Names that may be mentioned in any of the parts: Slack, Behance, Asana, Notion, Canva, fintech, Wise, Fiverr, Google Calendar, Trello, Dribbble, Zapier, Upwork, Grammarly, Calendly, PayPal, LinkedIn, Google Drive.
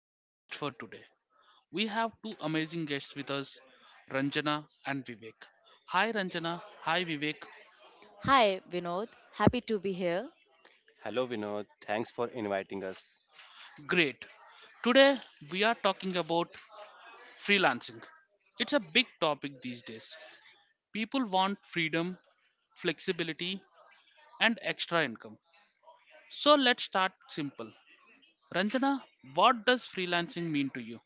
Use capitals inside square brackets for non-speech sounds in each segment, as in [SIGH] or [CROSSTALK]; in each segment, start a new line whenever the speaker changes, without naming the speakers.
your host for today. We have two amazing guests with us, Ranjana and Vivek. Hi, Ranjana. Hi, Vivek.
Hi, Vinod. Happy to be here.
Hello Vinod, thanks for inviting us.
Great. Today, we are talking about freelancing. It's a big topic these days. People want freedom, flexibility, and extra income. So, let's start simple. Ranjana, what does freelancing mean to you?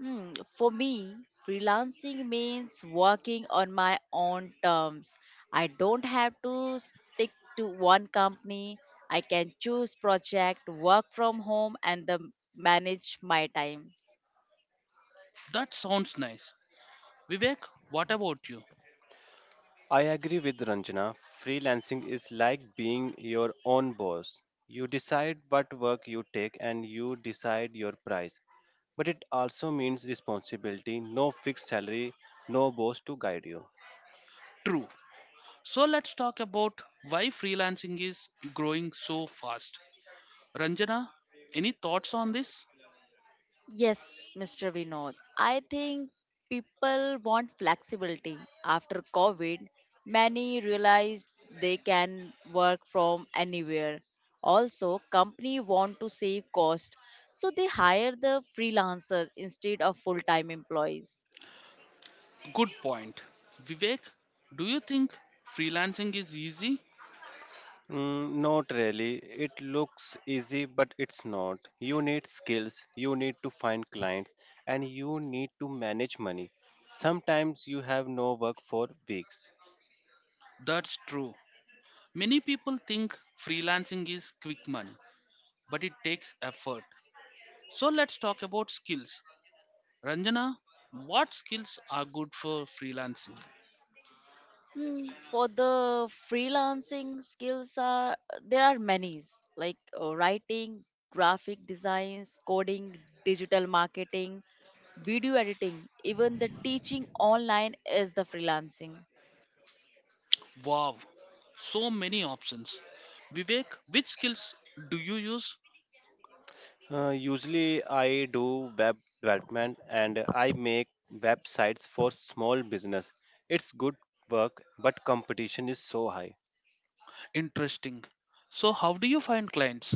For me, freelancing means working on my own terms. I don't have to stick to one company. I can choose project, work from home, manage my time.
That sounds nice. Vivek, what about you?
I agree with Ranjana. Freelancing is like being your own boss. You decide what work you take and you decide your price. But it also means responsibility, no fixed salary, no boss to guide you.
True. So let's talk about why freelancing is growing so fast. Ranjana, any thoughts on this?
Yes, Mr. Vinod. I think people want flexibility. After COVID, many realize they can work from anywhere. Also, company want to save cost, so they hire the freelancers instead of full-time employees.
Good point. Vivek, do you think freelancing is easy?
Mm, not really. It looks easy, but it's not. You need skills, you need to find clients, and you need to manage money. Sometimes you have no work for weeks.
That's true. Many people think freelancing is quick money, but it takes effort. So let's talk about skills. Ranjana, what skills are good for freelancing?
For the freelancing skills are there are many like writing, graphic designs, coding, digital marketing, video editing, even the teaching online is the freelancing.
Wow, so many options. Vivek, which skills do you use?
Usually, I do web development and I make websites for small business. It's good work, but competition is so high,
Interesting. So, how do you find clients?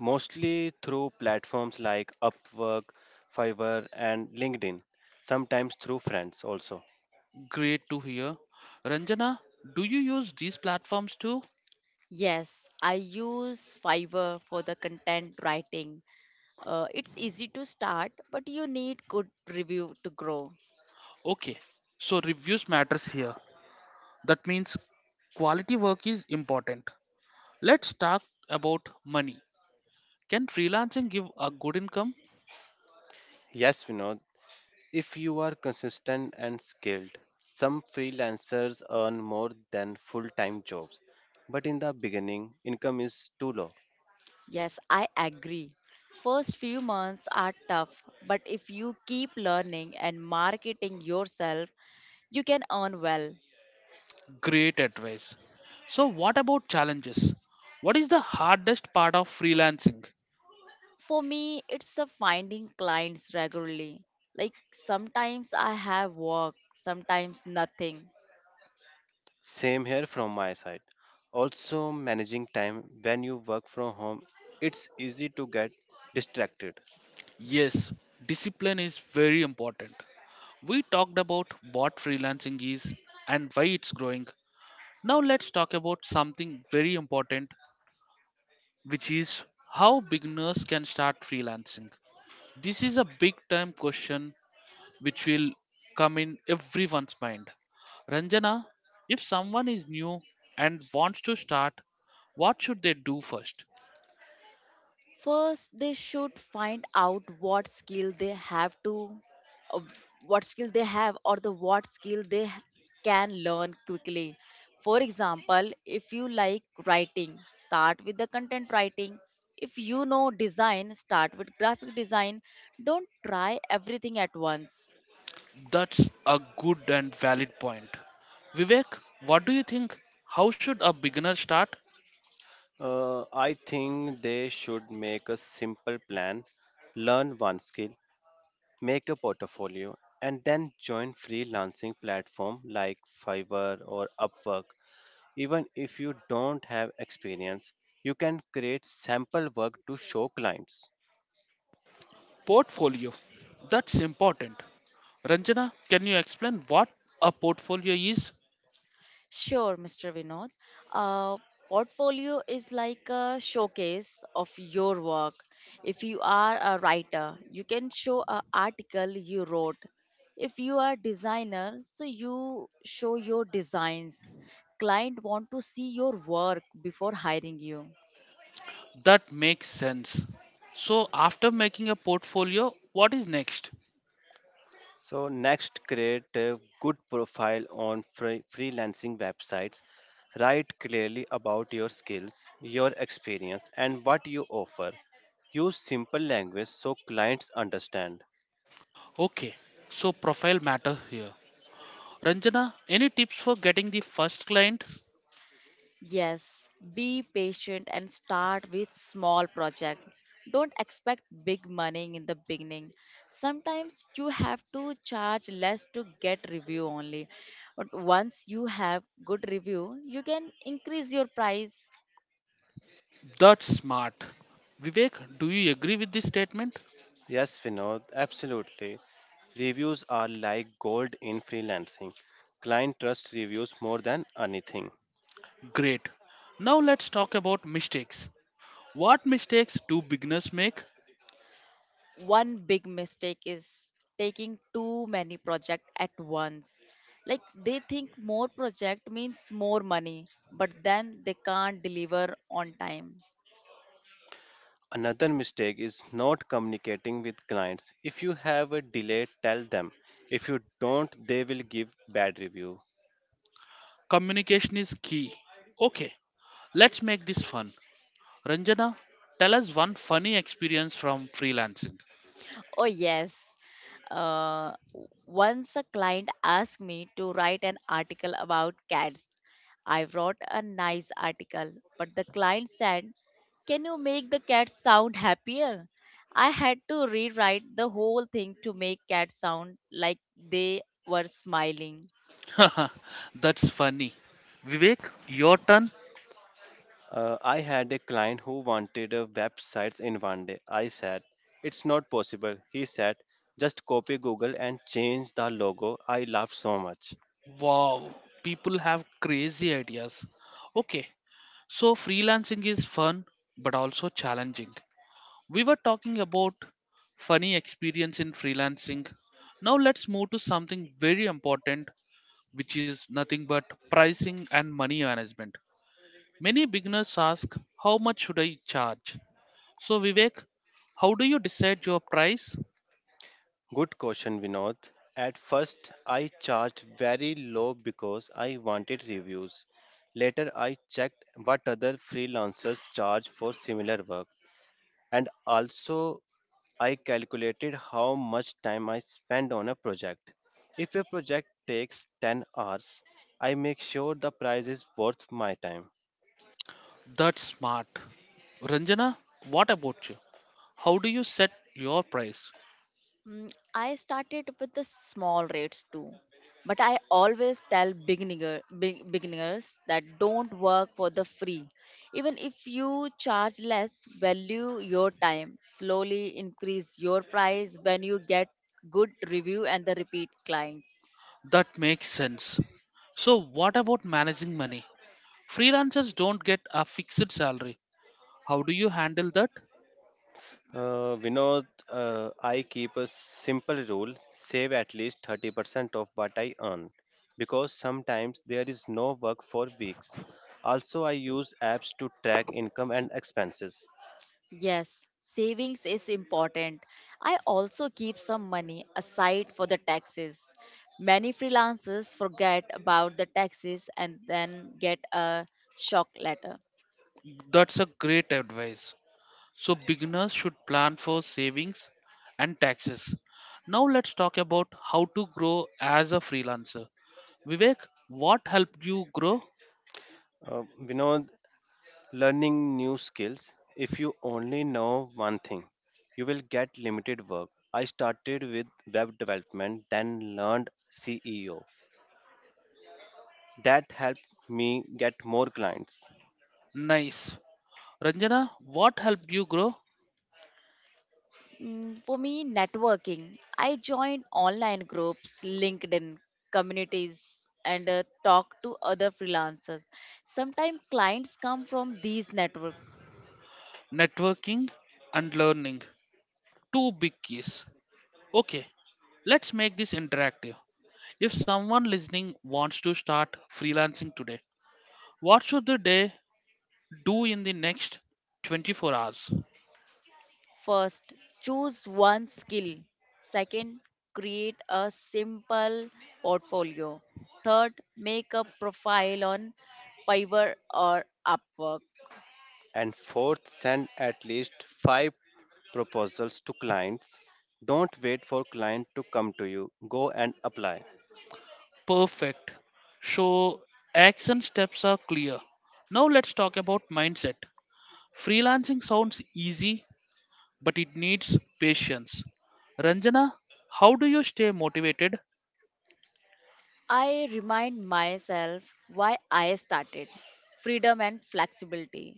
mostly through platforms like Upwork, Fiverr, and LinkedIn, sometimes through friends also.
Great to hear. Ranjana, do you use these platforms too?
Yes, I use Fiverr for the content writing. It's easy to start, but you need good review to grow.
Okay, so reviews matters here. That means quality work is important. Let's talk about money. Can freelancing give a good income?
Yes, Vinod, if you are consistent and skilled, some freelancers earn more than full time jobs, but in the beginning, income is too low.
Yes, I agree. First few months are tough, but if you keep learning and marketing yourself, you can earn well.
Great advice. So, what about challenges? What is the hardest part of freelancing?
For me, it's a finding clients regularly. Like sometimes I have work, sometimes nothing.
Same here from my side. Also, managing time when you work from home, it's easy to get distracted.
Yes, discipline is very important. We talked about what freelancing is and why it's growing. Now let's talk about something very important, which is how beginners can start freelancing. This is a big time question which will come in everyone's mind. Ranjana, if someone is new and wants to start, what should they do first?
First, they should find out uh, what skill they have, or the what skill they h- can learn quickly. For example, if you like writing, start with the content writing. If you know design, start with graphic design. Don't try everything at once.
That's a good and valid point. Vivek, what do you think? How should a beginner start?
I think they should make a simple plan, learn one skill, make a portfolio, and then join freelancing platform like Fiverr or Upwork. Even if you don't have experience, you can create sample work to show clients.
Portfolio. That's important. Ranjana, can you explain what a portfolio is?
Sure, Mr. Vinod. Uh, Portfolio is like a showcase of your work. If you are a writer, you can show an article you wrote. If you are designer, so you show your designs. Client want to see your work before hiring you.
That makes sense. So, after making a portfolio, what is next?
So next, create a good profile on free freelancing websites. Write clearly about your skills, your experience, and what you offer. Use simple language so clients understand.
Okay, so profile matter here. Ranjana, any tips for getting the first client?
Yes, be patient and start with small project. Don't expect big money in the beginning. Sometimes you have to charge less to get review only. But once you have good review, you can increase your price.
That's smart. Vivek, do you agree with this statement?
Yes, Vinod, absolutely. Reviews are like gold in freelancing. Client trust reviews more than anything.
Great. Now let's talk about mistakes. What mistakes do beginners make?
One big mistake is taking too many project at once. Like they think more project means more money, but then they can't deliver on time.
Another mistake is not communicating with clients. If you have a delay, tell them. If you don't, they will give bad review.
Communication is key. Okay, let's make this fun. Ranjana, tell us one funny experience from freelancing.
Oh, yes. Once a client asked me to write an article about cats. I wrote a nice article, but the client said, can you make the cat sound happier? I had to rewrite the whole thing to make cats sound like they were smiling.
[LAUGHS] That's funny. Vivek, your turn.
I had a client who wanted websites in 1 day. I said, "It's not possible." He said, "Just copy Google and change the logo." I laughed so much.
Wow, people have crazy ideas. Okay, so freelancing is fun but also challenging. We were talking about funny experience in freelancing. Now let's move to something very important, which is nothing but pricing and money management. Many beginners ask, how much should I charge? So, Vivek, how do you decide your price?
Good question, Vinod. At first, I charged very low because I wanted reviews. Later, I checked what other freelancers charge for similar work. And also, I calculated how much time I spend on a project. If a project takes 10 hours, I make sure the price is worth my time.
That's smart. Ranjana, what about you? How do you set your price?
I started with the small rates too, but I always tell beginners that don't work for the free. Even if you charge less, value your time. Slowly increase your price when you get good review and the repeat clients.
That makes sense. So, what about managing money? Freelancers don't get a fixed salary. How do you handle that?
Vinod, I keep a simple rule: save at least 30% of what I earn because sometimes there is no work for weeks. Also, I use apps to track income and expenses.
Yes, savings is important. I also keep some money aside for the taxes. Many freelancers forget about the taxes and then get a shock letter.
That's a great advice. So, beginners should plan for savings and taxes. Now, let's talk about how to grow as a freelancer. Vivek, what helped you grow?
Vinod, learning new skills. If you only know one thing, you will get limited work. I started with web development, then learned CEO. That helped me get more clients.
Nice. Ranjana, what helped you grow?
For me, networking. I join online groups, LinkedIn communities, and talk to other freelancers. Sometimes clients come from these network.
Networking and learning. Two big keys. Okay, let's make this interactive. If someone listening wants to start freelancing today, what should the day do in the next 24 hours?
First, choose one skill. Second, create a simple portfolio. Third, make a profile on Fiverr or Upwork.
And fourth, send at least 5 proposals to clients. Don't wait for client to come to you. Go and apply.
Perfect. So, action steps are clear. Now, let's talk about mindset. Freelancing sounds easy, but it needs patience. Ranjana, how do you stay motivated?
I remind myself why I started freedom and flexibility.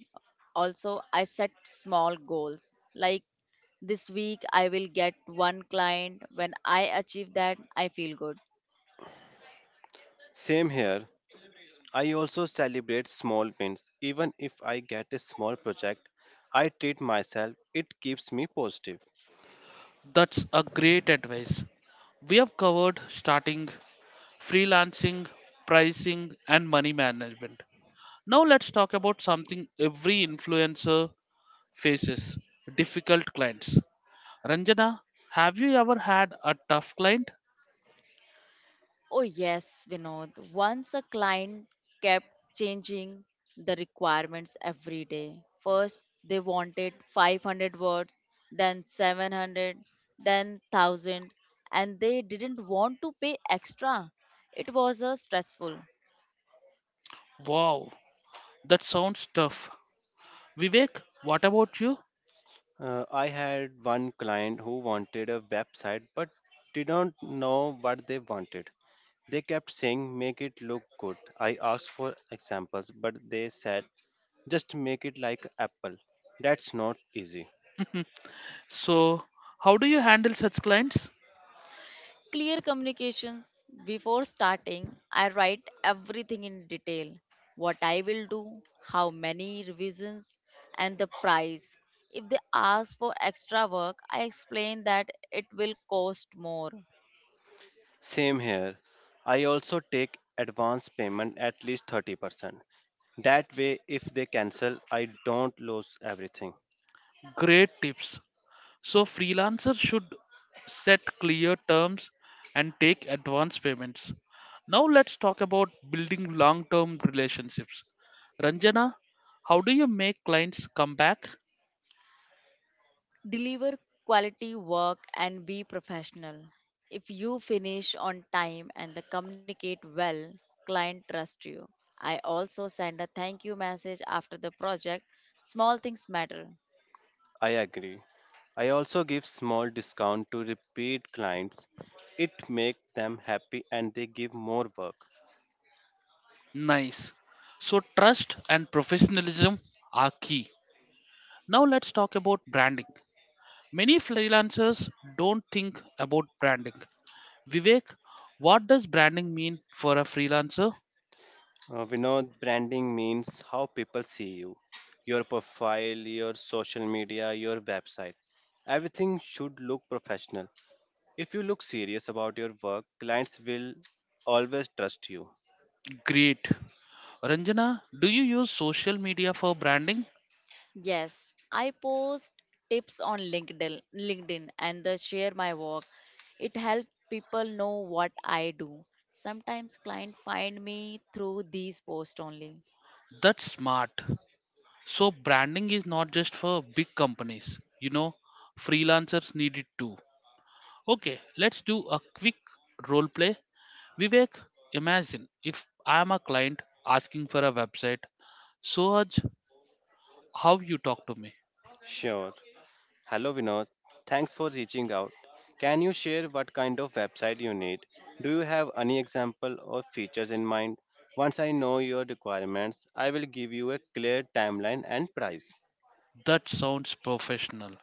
Also, I set small goals like this week I will get one client. When I achieve that, I feel good.
Same here. I also celebrate small wins. Even if I get a small project, I treat myself. It keeps me positive.
That's a great advice. We have covered starting, freelancing, pricing, and money management. Now let's talk about something every influencer faces, difficult clients. Ranjana, have you ever had a tough client?
Oh, yes, Vinod. Once a client kept changing the requirements every day. First, they wanted 500 words, then 700, then 1000, and they didn't want to pay extra. It was stressful.
Wow, that sounds tough. Vivek, what about you?
I had one client who wanted a website but didn't know what they wanted. They kept saying, "Make it look good." I asked for examples, but they said, "Just make it like Apple." That's not easy.
So, how do you handle such clients?
Clear communications. Before starting, I write everything in detail what I will do, how many revisions, and the price. If they ask for extra work, I explain that it will cost more.
Same here. I also take advance payment at least 30%. That way, if they cancel, I don't lose everything.
Great tips. So freelancers should set clear terms and take advance payments. Now let's talk about building long-term relationships. Ranjana, how do you make clients come back?
Deliver quality work and be professional. If you finish on time and the communicate well, client trust you. I also send a thank you message after the project. Small things matter.
I agree. I also give small discount to repeat clients. It makes them happy and they give more work.
Nice. So trust and professionalism are key. Now let's talk about branding. Many freelancers don't think about branding. Vivek, what does branding mean for a freelancer?
We know branding means how people see you, your profile, your social media, your website. Everything should look professional. If you look serious about your work, clients will always trust you.
Great. Ranjana, do you use social media for branding?
Yes, I post tips on LinkedIn and the share my work. It helps people know what I do. Sometimes clients find me through these posts only.
That's smart. So branding is not just for big companies. You know, freelancers need it too. Okay, let's do a quick role play. Vivek, imagine if I am a client asking for a website. Sohaj, how you talk to me?
Sure. Hello Vinod, thanks for reaching out. Can you share what kind of website you need? Do you have any example or features in mind? Once I know your requirements, I will give you a clear timeline and price.
That sounds professional.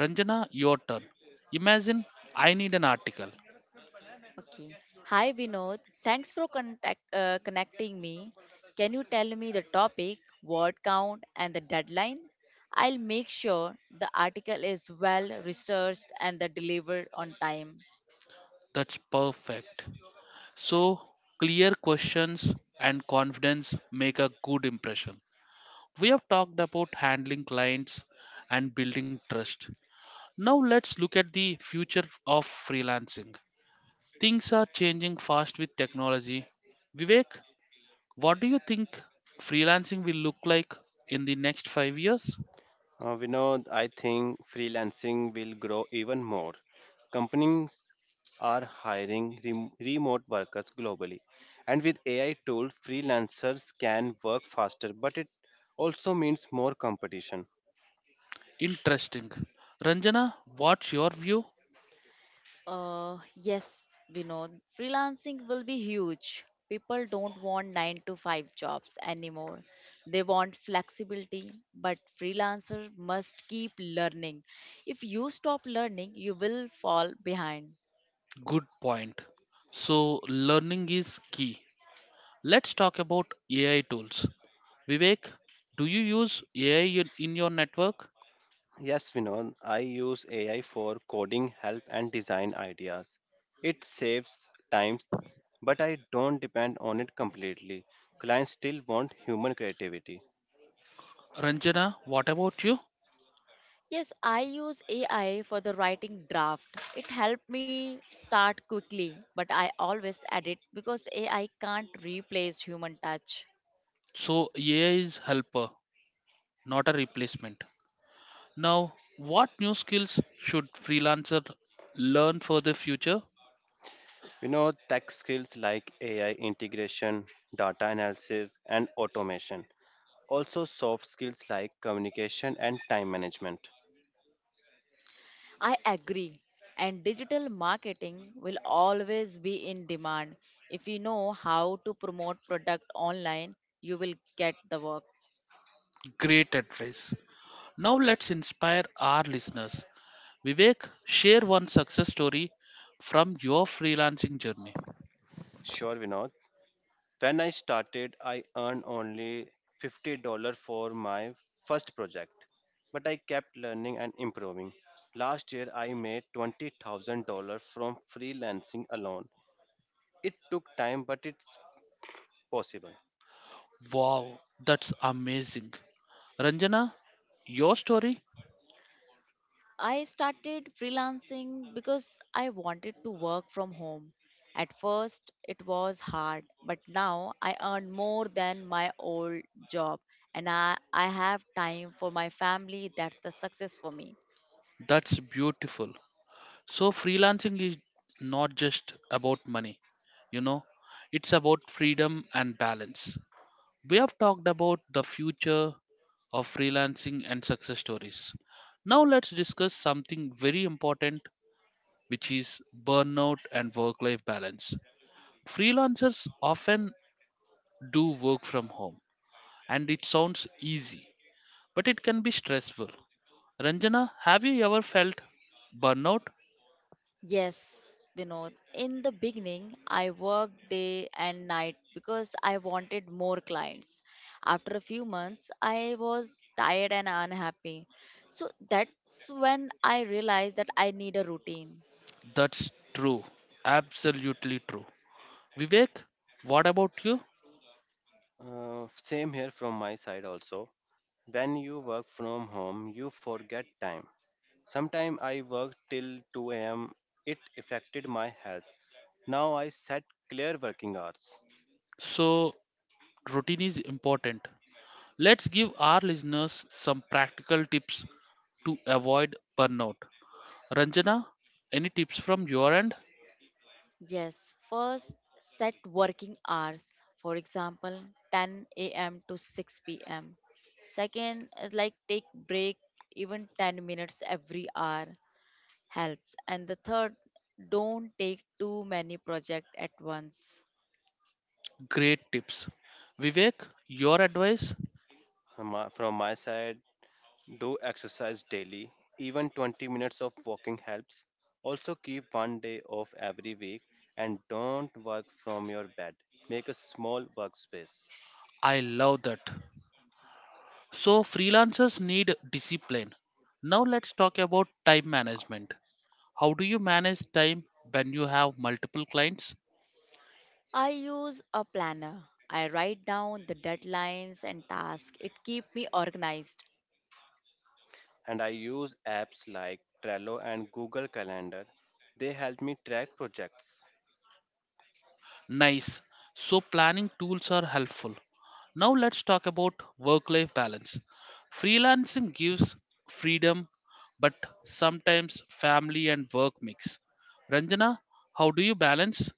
Ranjana, your turn. Imagine I need an article.
Okay. Hi Vinod, thanks for connecting me. Can you tell me the topic, word count, and the deadline? I'll make sure the article is well researched and the delivered on time.
That's perfect. So, clear questions and confidence make a good impression. We have talked about handling clients and building trust. Now let's look at the future of freelancing. Things are changing fast with technology. Vivek, what do you think freelancing will look like in the next 5 years?
Vinod, I think freelancing will grow even more. Companies are hiring remote workers globally, and with AI tools, freelancers can work faster, but it also means more competition.
Interesting. Ranjana, what's your view?
Yes, Vinod, freelancing will be huge. People don't want 9 to 5 jobs anymore. They want flexibility, but freelancer must keep learning. If you stop learning, you will fall behind.
Good point. So learning is key. Let's talk about AI tools. Vivek, do you use AI in your network?
Yes, Vinon, I use AI for coding help and design ideas. It saves time, but I don't depend on it completely. Clients still want human creativity.
Ranjana, what about you?
Yes, I use AI for the writing draft. It helped me start quickly, but I always edit because AI can't replace human touch.
So AI is helper, not a replacement. Now, what new skills should freelancer learn for the future?
You know, tech skills like AI integration, data analysis, and automation. Also, soft skills like communication and time management.
I agree. And digital marketing will always be in demand. If you know how to promote product online, you will get the work.
Great advice. Now let's inspire our listeners. Vivek, share one success story from your freelancing journey.
Sure, Vinod. When I started, I earned only $50 for my first project, but I kept learning and improving. Last year, I made $20,000 from freelancing alone. It took time, but it's possible.
Wow, that's amazing. Ranjana, your story?
I started freelancing because I wanted to work from home. At first, it was hard, but now I earn more than my old job and I have time for my family. That's the success for me.
That's beautiful. So, freelancing is not just about money, you know, it's about freedom and balance. We have talked about the future of freelancing and success stories. Now let's discuss something very important, which is burnout and work life balance. Freelancers often do work from home, and it sounds easy, but it can be stressful. Ranjana, have you ever felt burnout?
Yes, Vinod. In the beginning, I worked day and night because I wanted more clients. After a few months, I was tired and unhappy. So that's when I realized that I need a routine.
That's true, absolutely true. Vivek, what about you?
Same here from my side also. When you work from home, you forget time. Sometimes I worked till 2 a.m. It affected my health. Now I set clear working hours.
So, routine is important. Let's give our listeners some practical tips to avoid burnout. Ranjana, any tips from your end?
Yes, first set working hours. For example, 10 a.m. to 6 p.m. Second is like take break even 10 minutes every hour. Helps. And the third, don't take too many projects at once.
Great tips. Vivek, your advice?
From my side, do exercise daily, even 20 minutes of walking helps. Also, keep 1 day off every week and don't work from your bed. Make a small workspace.
I love that. So, freelancers need discipline. Now, let's talk about time management. How do you manage time when you have multiple clients?
I use a planner. I write down the deadlines and tasks. It keeps me organized.
And I use apps like Trello and Google Calendar. They help me track projects.
Nice. So, planning tools are helpful. Now, let's talk about work life balance. Freelancing gives freedom, but sometimes family and work mix. Ranjana, how do you balance?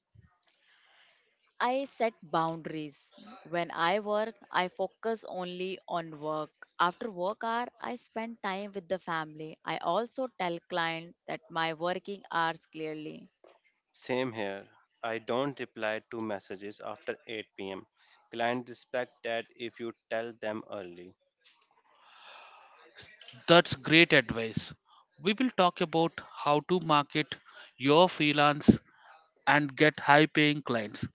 I set boundaries. When I work, I focus only on work. After work hour, I spend time with the family. I also tell client that my working hours clearly.
Same here. I don't reply to messages after 8 pm. Clients respect that if you tell them early.
That's great advice. We will talk about how to market your freelance and get high paying clients.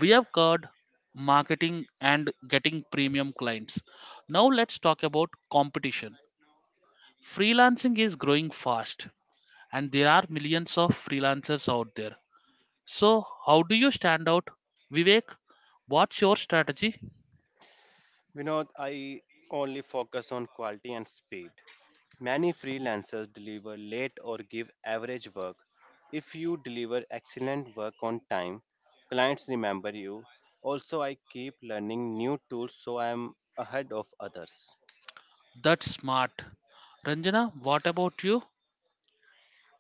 We have covered marketing and getting premium clients. Now, let's talk about competition. Freelancing is growing fast and there are millions of freelancers out there. So how do you stand out, Vivek? What's your strategy?
Vinod, I only focus on quality and speed. Many freelancers deliver late or give average work. If you deliver excellent work on time, clients remember you. Also, I keep learning new tools so I am ahead of others.
That's smart. Ranjana, what about you?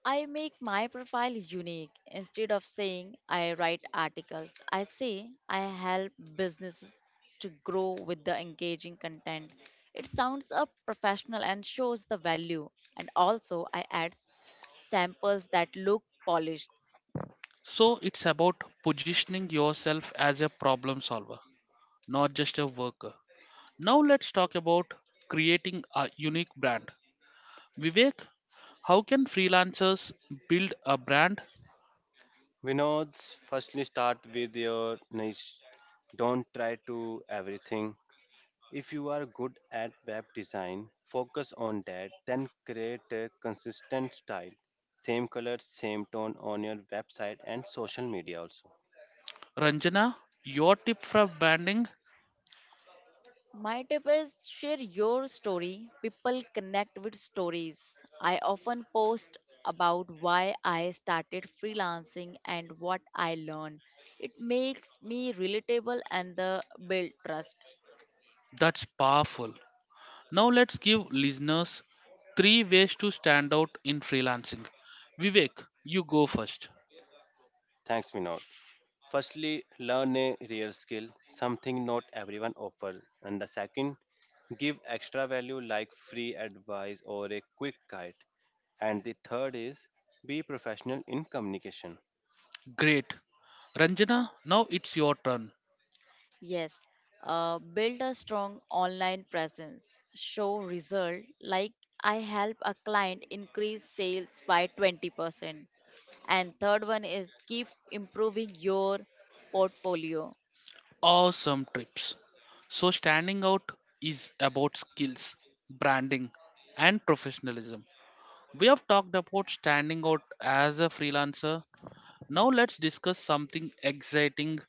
I make my profile unique. Instead of saying I write articles, I say I help businesses to grow with the engaging content. It sounds up professional and shows the value. And also, samples that look polished.
So it's about positioning yourself as a problem solver, not just a worker. Now let's talk about creating a unique brand. Vivek, how can freelancers build a brand?
Vinod, firstly start with your niche. Don't try to everything. If you are good at web design, focus on that, then create a consistent style. Same color, same tone on your website and social media also.
Ranjana, your tip for branding?
My tip is share your story. People connect with stories. I often post about why I started freelancing and what I learned. It makes me relatable and the build trust.
That's powerful. Now let's give listeners three ways to stand out in freelancing. Vivek, you go first.
Thanks, Vinod. Firstly, learn a real skill, something not everyone offers. And the second, give extra value like free advice or a quick guide. And the third is be professional in communication.
Great. Ranjana, now it's your turn.
Yes, build a strong online presence. Show result like I help a client increase sales by 20%. And third one is keep improving your portfolio.
Awesome trips. So standing out is about skills, branding and professionalism. We have talked about standing out as a freelancer. Now let's discuss something exciting,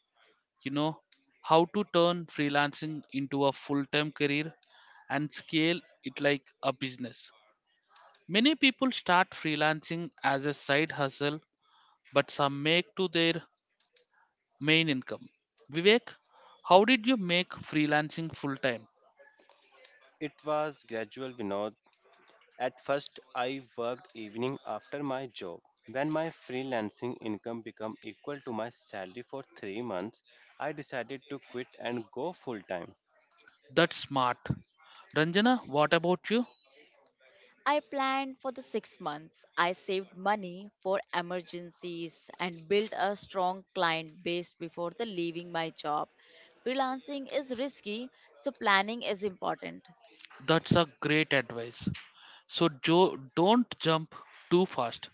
you know, how to turn freelancing into a full-time career and scale it like a business. Many people start freelancing as a side hustle, but some make to their main income. Vivek, how did you make freelancing full time?
It was gradual, Vinod. At first, I worked evening after my job. When my freelancing income became equal to my salary for 3 months, I decided to quit and go full time.
That's smart. Ranjana, what about you?
I planned for the 6 months. I saved money for emergencies and built a strong client base before the leaving my job. Freelancing is risky, so planning is important.
That's a great advice. So Joe, don't jump too fast.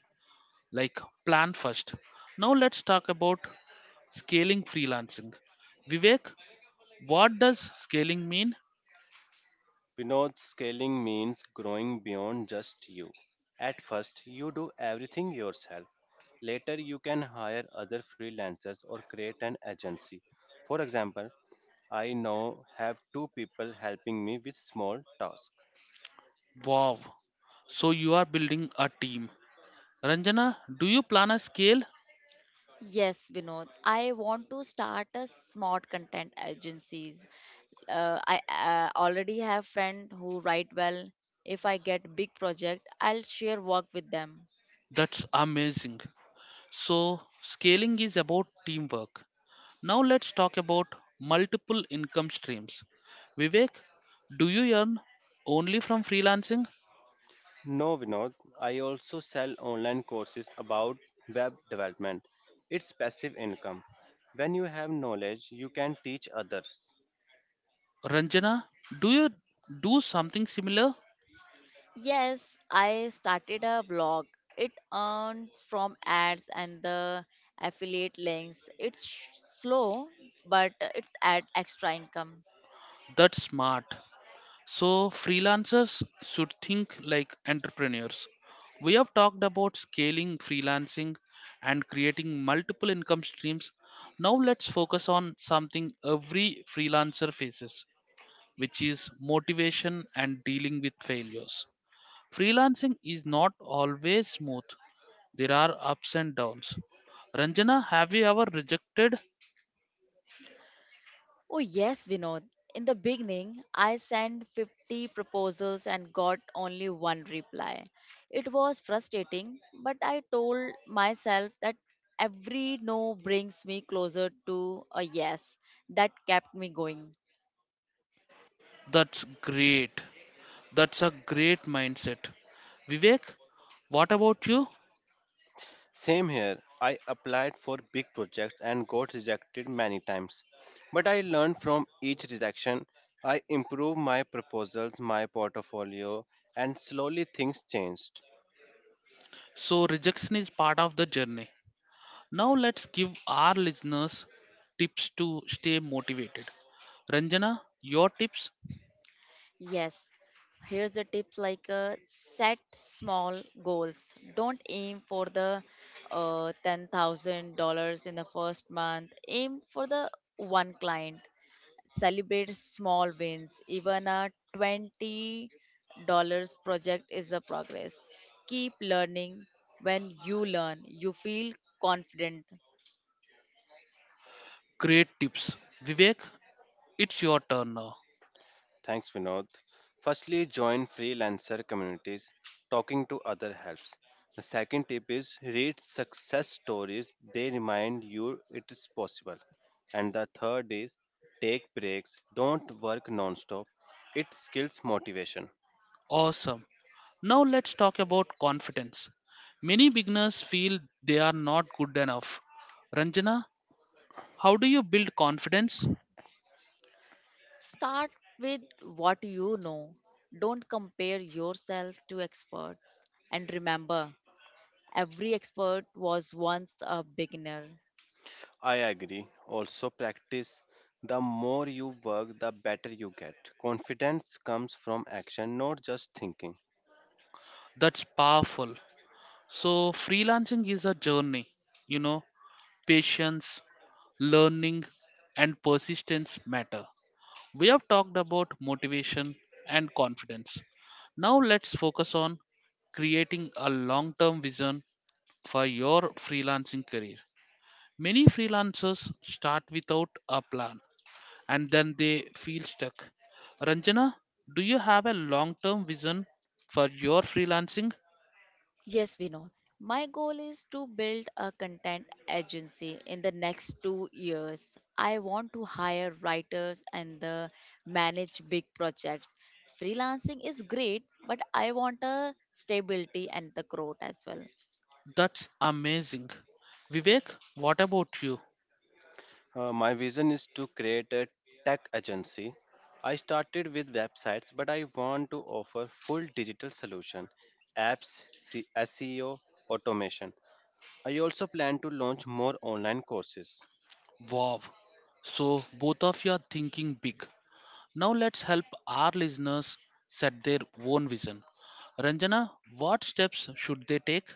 Like plan first. Now let's talk about scaling freelancing. Vivek, what does scaling mean?
Vinod, scaling means growing beyond just you. At first, you do everything yourself. Later, you can hire other freelancers or create an agency. For example, I now have 2 people helping me with small tasks.
Wow. So you are building a team. Ranjana, do you plan a scale?
Yes, Vinod, I want to start a smart content agencies. I already have friend who write well. If I get big project, I'll share work with them.
That's amazing. So, scaling is about teamwork. Now, let's talk about multiple income streams. Vivek, do you earn only from freelancing?
No, Vinod, I also sell online courses about web development. It's passive income. When you have knowledge, you can teach others.
Ranjana, do you do something similar?
Yes, I started a blog. It earns from ads and the affiliate links. Slow, but it's add extra income.
That's smart. So, freelancers should think like entrepreneurs. We have talked about scaling freelancing and creating multiple income streams. Now, let's focus on something every freelancer faces, which is motivation and dealing with failures. Freelancing is not always smooth, there are ups and downs. Ranjana, have you ever rejected?
Oh yes, Vinod. In the beginning, I sent 50 proposals and got only one reply. It was frustrating, but I told myself that every no brings me closer to a yes. That kept me going.
That's great. That's a great mindset. Vivek, what about you?
Same here, I applied for big projects and got rejected many times. But I learned from each rejection. I improved my proposals, my portfolio, and slowly things changed.
So rejection is part of the journey. Now let's give our listeners tips to stay motivated. Ranjana, your tips?
Yes, here's the tips like set small goals. Don't aim for the $10,000 in the first month, aim for the one client. Celebrate small wins. Even a $20 project is a progress. Keep learning. When you learn, you feel confident.
Great tips. Vivek, it's your turn now.
Thanks, Vinod. Firstly, join freelancer communities. Talking to other helps. The second tip is read success stories. They remind you it is possible. And the third is take breaks. Don't work non-stop. It skills motivation.
Awesome. Now let's talk about confidence. Many beginners feel they are not good enough. Ranjana, how do you build confidence?
Start with what you know. Don't compare yourself to experts. And remember, every expert was once a beginner.
I agree. Also practice. The more you work, the better you get. Confidence comes from action, not just thinking.
That's powerful. So freelancing is a journey, you know. Patience, learning, and persistence matter. We have talked about motivation and confidence. Now let's focus on creating a long term vision for your freelancing career. Many freelancers start without a plan and then they feel stuck. Ranjana, do you have a long term vision for your freelancing?
Yes, Vinod. My goal is to build a content agency in the next 2 years. I want to hire writers and manage big projects. Freelancing is great, but I want a stability and the growth as well.
That's amazing. Vivek, what about you?
My vision is to create a tech agency. I started with websites, but I want to offer full digital solution, apps, SEO, automation. I also plan to launch more online courses.
Wow. So both of you are thinking big. Now let's help our listeners set their own vision. Ranjana, what steps should they take?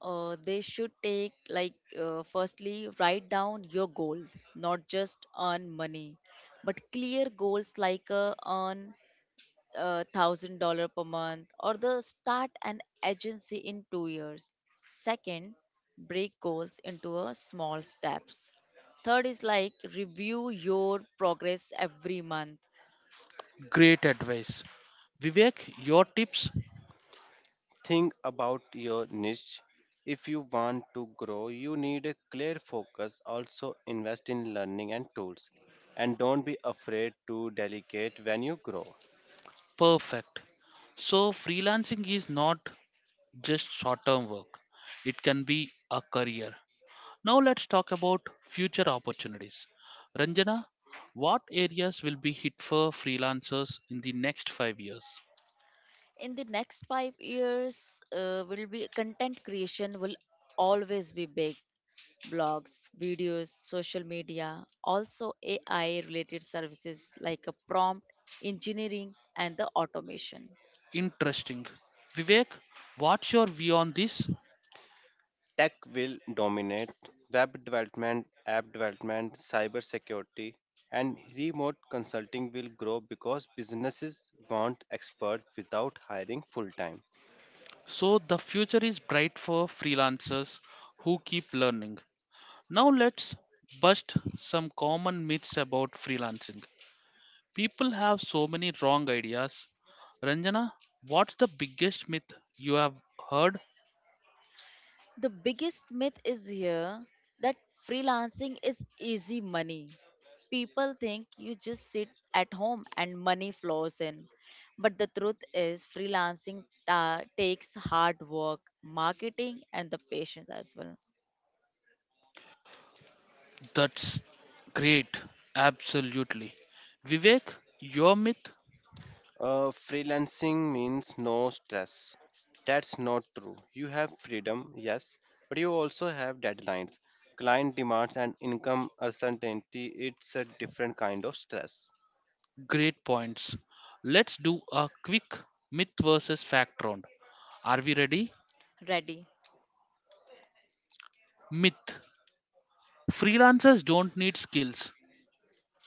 They should take like firstly write down your goals, not just earn money, but clear goals like earn $1,000 per month or the start an agency in 2 years. Second, break goals into a small steps. Third is like review your progress every month.
Great advice. Vivek, your tips?
Think about your niche. If you want to grow, you need a clear focus. Also, invest in learning and tools. And don't be afraid to delegate when you grow.
Perfect. So freelancing is not just short-term work. It can be a career. Now let's talk about future opportunities. Ranjana, what areas will be hit for freelancers in the next 5 years?
In the next 5 years, will be content creation will always be big. Blogs, videos, social media, also AI related services like a prompt, engineering, and the automation.
Interesting. Vivek, what's your view on this?
Tech will dominate web development, app development, cyber security, and remote consulting will grow because businesses want experts without hiring full time.
So, the future is bright for freelancers who keep learning. Now, let's bust some common myths about freelancing. People have so many wrong ideas. Ranjana, what's the biggest myth you have heard?
The biggest myth is here that freelancing is easy money. People think you just sit at home and money flows in. But the truth is, takes hard work, marketing, and the patience as well.
That's great. Absolutely. Vivek, your myth?
Freelancing means no stress. That's not true. You have freedom, yes, but you also have deadlines, client demands, and income uncertainty. It's a different kind of stress.
Great points. Let's do a quick myth versus fact round. Are we ready?
Ready?
Myth: freelancers don't need skills.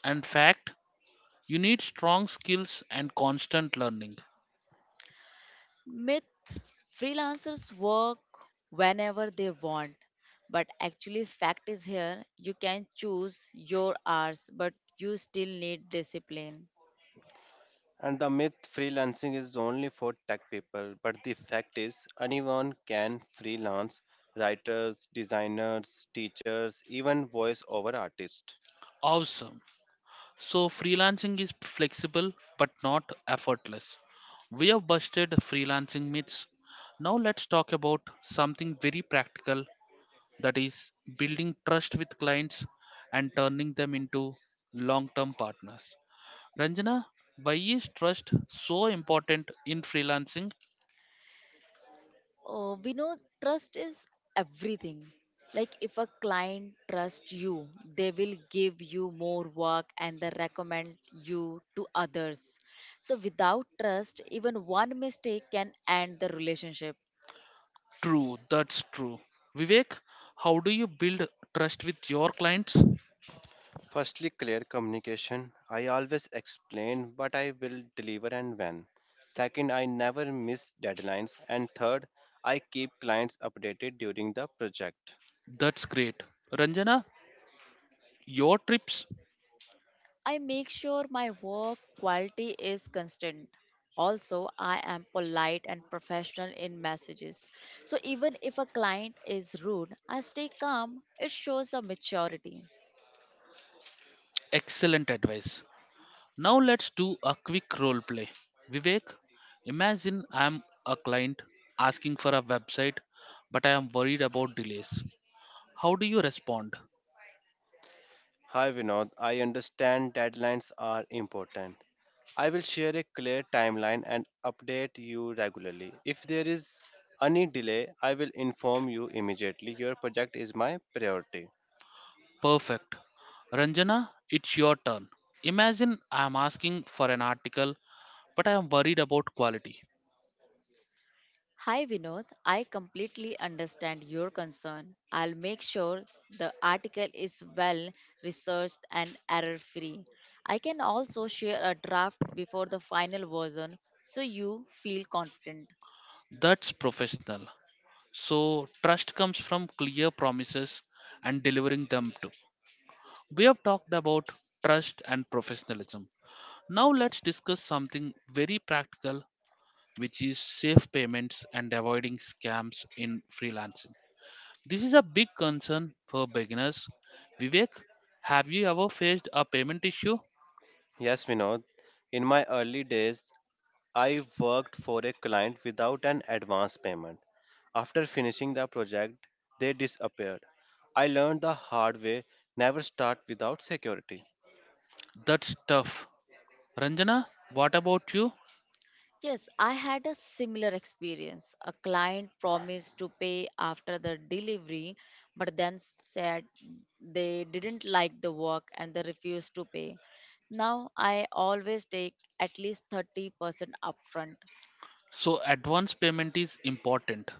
In fact, you need strong skills and constant learning.
Myth: freelancers work whenever they want. But actually, fact is here you can choose your hours, but you still need discipline.
And the myth: freelancing is only for tech people, but the fact is, anyone can freelance, writers, designers, teachers, even voice over artists.
Awesome. So, freelancing is flexible but not effortless. We have busted freelancing myths. Now, let's talk about something very practical, that is building trust with clients and turning them into long term partners. Ranjana, why is trust so important in freelancing?
We know trust is everything. Like if a client trusts you, they will give you more work and they recommend you to others. So without trust, even one mistake can end the relationship.
True, that's true. Vivek, how do you build trust with your clients?
Firstly, clear communication. I always explain what I will deliver and when. Second, I never miss deadlines. And third, I keep clients updated during the project.
That's great. Ranjana, your trips,
I make sure my work quality is constant. Also, I am polite and professional in messages. So even if a client is rude, I stay calm. It shows a maturity.
excellent advice. Now let's do a quick role play. Vivek, imagine I'm a client asking for a website, but I am worried about delays. How do you respond?
Hi Vinod, I understand deadlines are important. I will share a clear timeline and update you regularly. If there is any delay, I will inform you immediately. Your project is my priority.
Perfect. Ranjana, it's your turn. Imagine I am asking for an article, but I am worried about quality.
Hi Vinod, I completely understand your concern. I'll make sure the article is well researched and error free. I can also share a draft before the final version so you feel confident.
That's professional. So, trust comes from clear promises and delivering them too. We have talked about trust and professionalism. Now, let's discuss something very practical, which is safe payments and avoiding scams in freelancing. This is a big concern for beginners. Vivek, have you ever faced a payment issue?
Yes, Vinod, in my early days, I worked for a client without an advance payment. After finishing the project, they disappeared. I learned the hard way: never start without security.
That's tough. Ranjana, what about you?
Yes, I had a similar experience. A client promised to pay after the delivery but then said they didn't like the work and they refused to pay. Now I always take at least 30% upfront.
So, advance payment is important.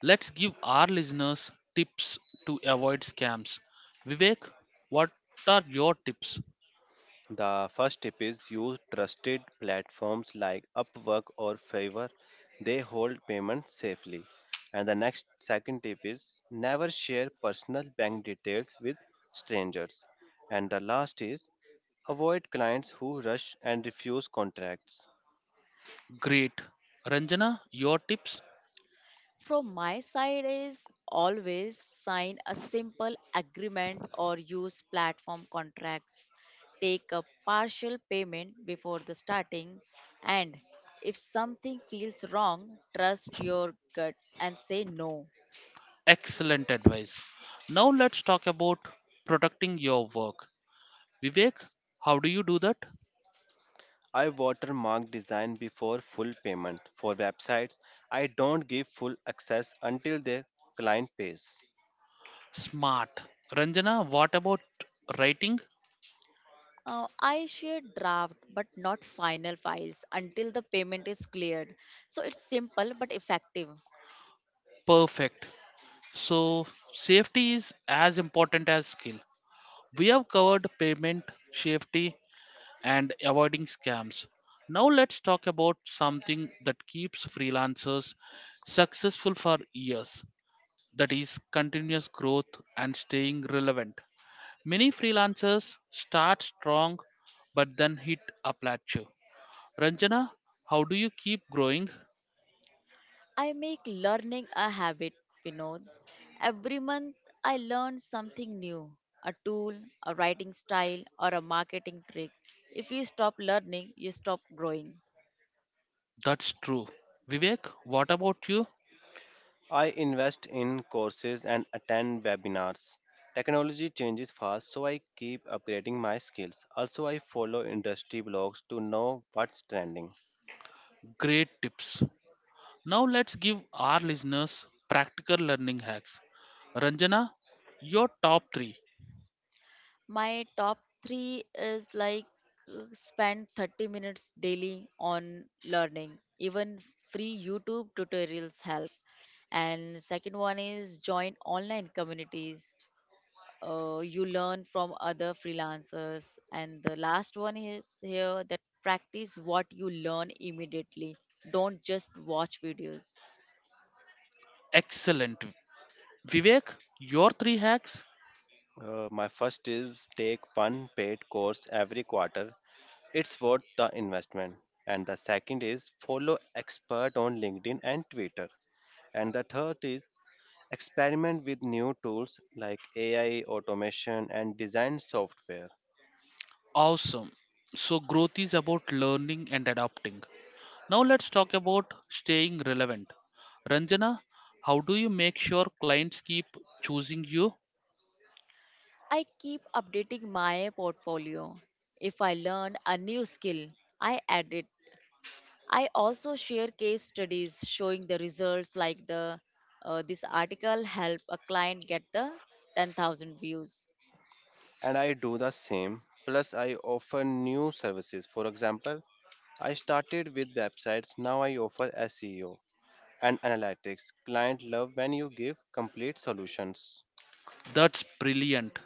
Let's give our listeners tips to avoid scams. Vivek, what are your tips?
The first tip is use trusted platforms like Upwork or Fiverr. They hold payment safely. And the next second tip is never share personal bank details with strangers. And the last is avoid clients who rush and refuse contracts.
Great. Ranjana, your tips?
From my side is always sign a simple agreement or use platform contracts. Take a partial payment before the starting and if something feels wrong, trust your guts and say no.
Excellent advice. Now let's talk about protecting your work. Vivek, how do you do that?
I watermark design before full payment. For websites, I don't give full access until the client pays.
Smart. Ranjana, what about writing?
I share draft but not final files until the payment is cleared. So it's simple but effective.
Perfect. So, safety is as important as skill. We have covered payment, safety, and avoiding scams. Now, let's talk about something that keeps freelancers successful for years, that is, continuous growth and staying relevant. Many freelancers start strong but then hit a plateau. Ranjana, how do you keep growing?
I make learning a habit, Vinod. Every month I learn something new, a tool, a writing style, or a marketing trick. If you stop learning, you stop growing.
That's true. Vivek, what about you?
I invest in courses and attend webinars. Technology changes fast, so I keep upgrading my skills. Also, I follow industry blogs to know what's trending.
Great tips. Now, let's give our listeners practical learning hacks. Ranjana, your top three.
My top three is like spend 30 minutes daily on learning. Even free YouTube tutorials help. And second one is join online communities, you learn from other freelancers, and the last one is here that practice what you learn immediately, don't just watch videos.
Excellent. Vivek, your three hacks?
My first is take one paid course every quarter. It's worth the investment. And the second is follow expert on LinkedIn and Twitter. And the third is experiment with new tools like AI, automation, and design software.
Awesome. So, growth is about learning and adapting. Now, let's talk about staying relevant. Ranjana, how do you make sure clients keep choosing you?
I keep updating my portfolio. If I learn a new skill, I add it. I also share case studies showing the results like the this article helped a client get the 10,000 views.
And I do the same. Plus, I offer new services. For example, I started with websites, now I offer SEO and analytics. Client love when you give complete solutions.
That's brilliant.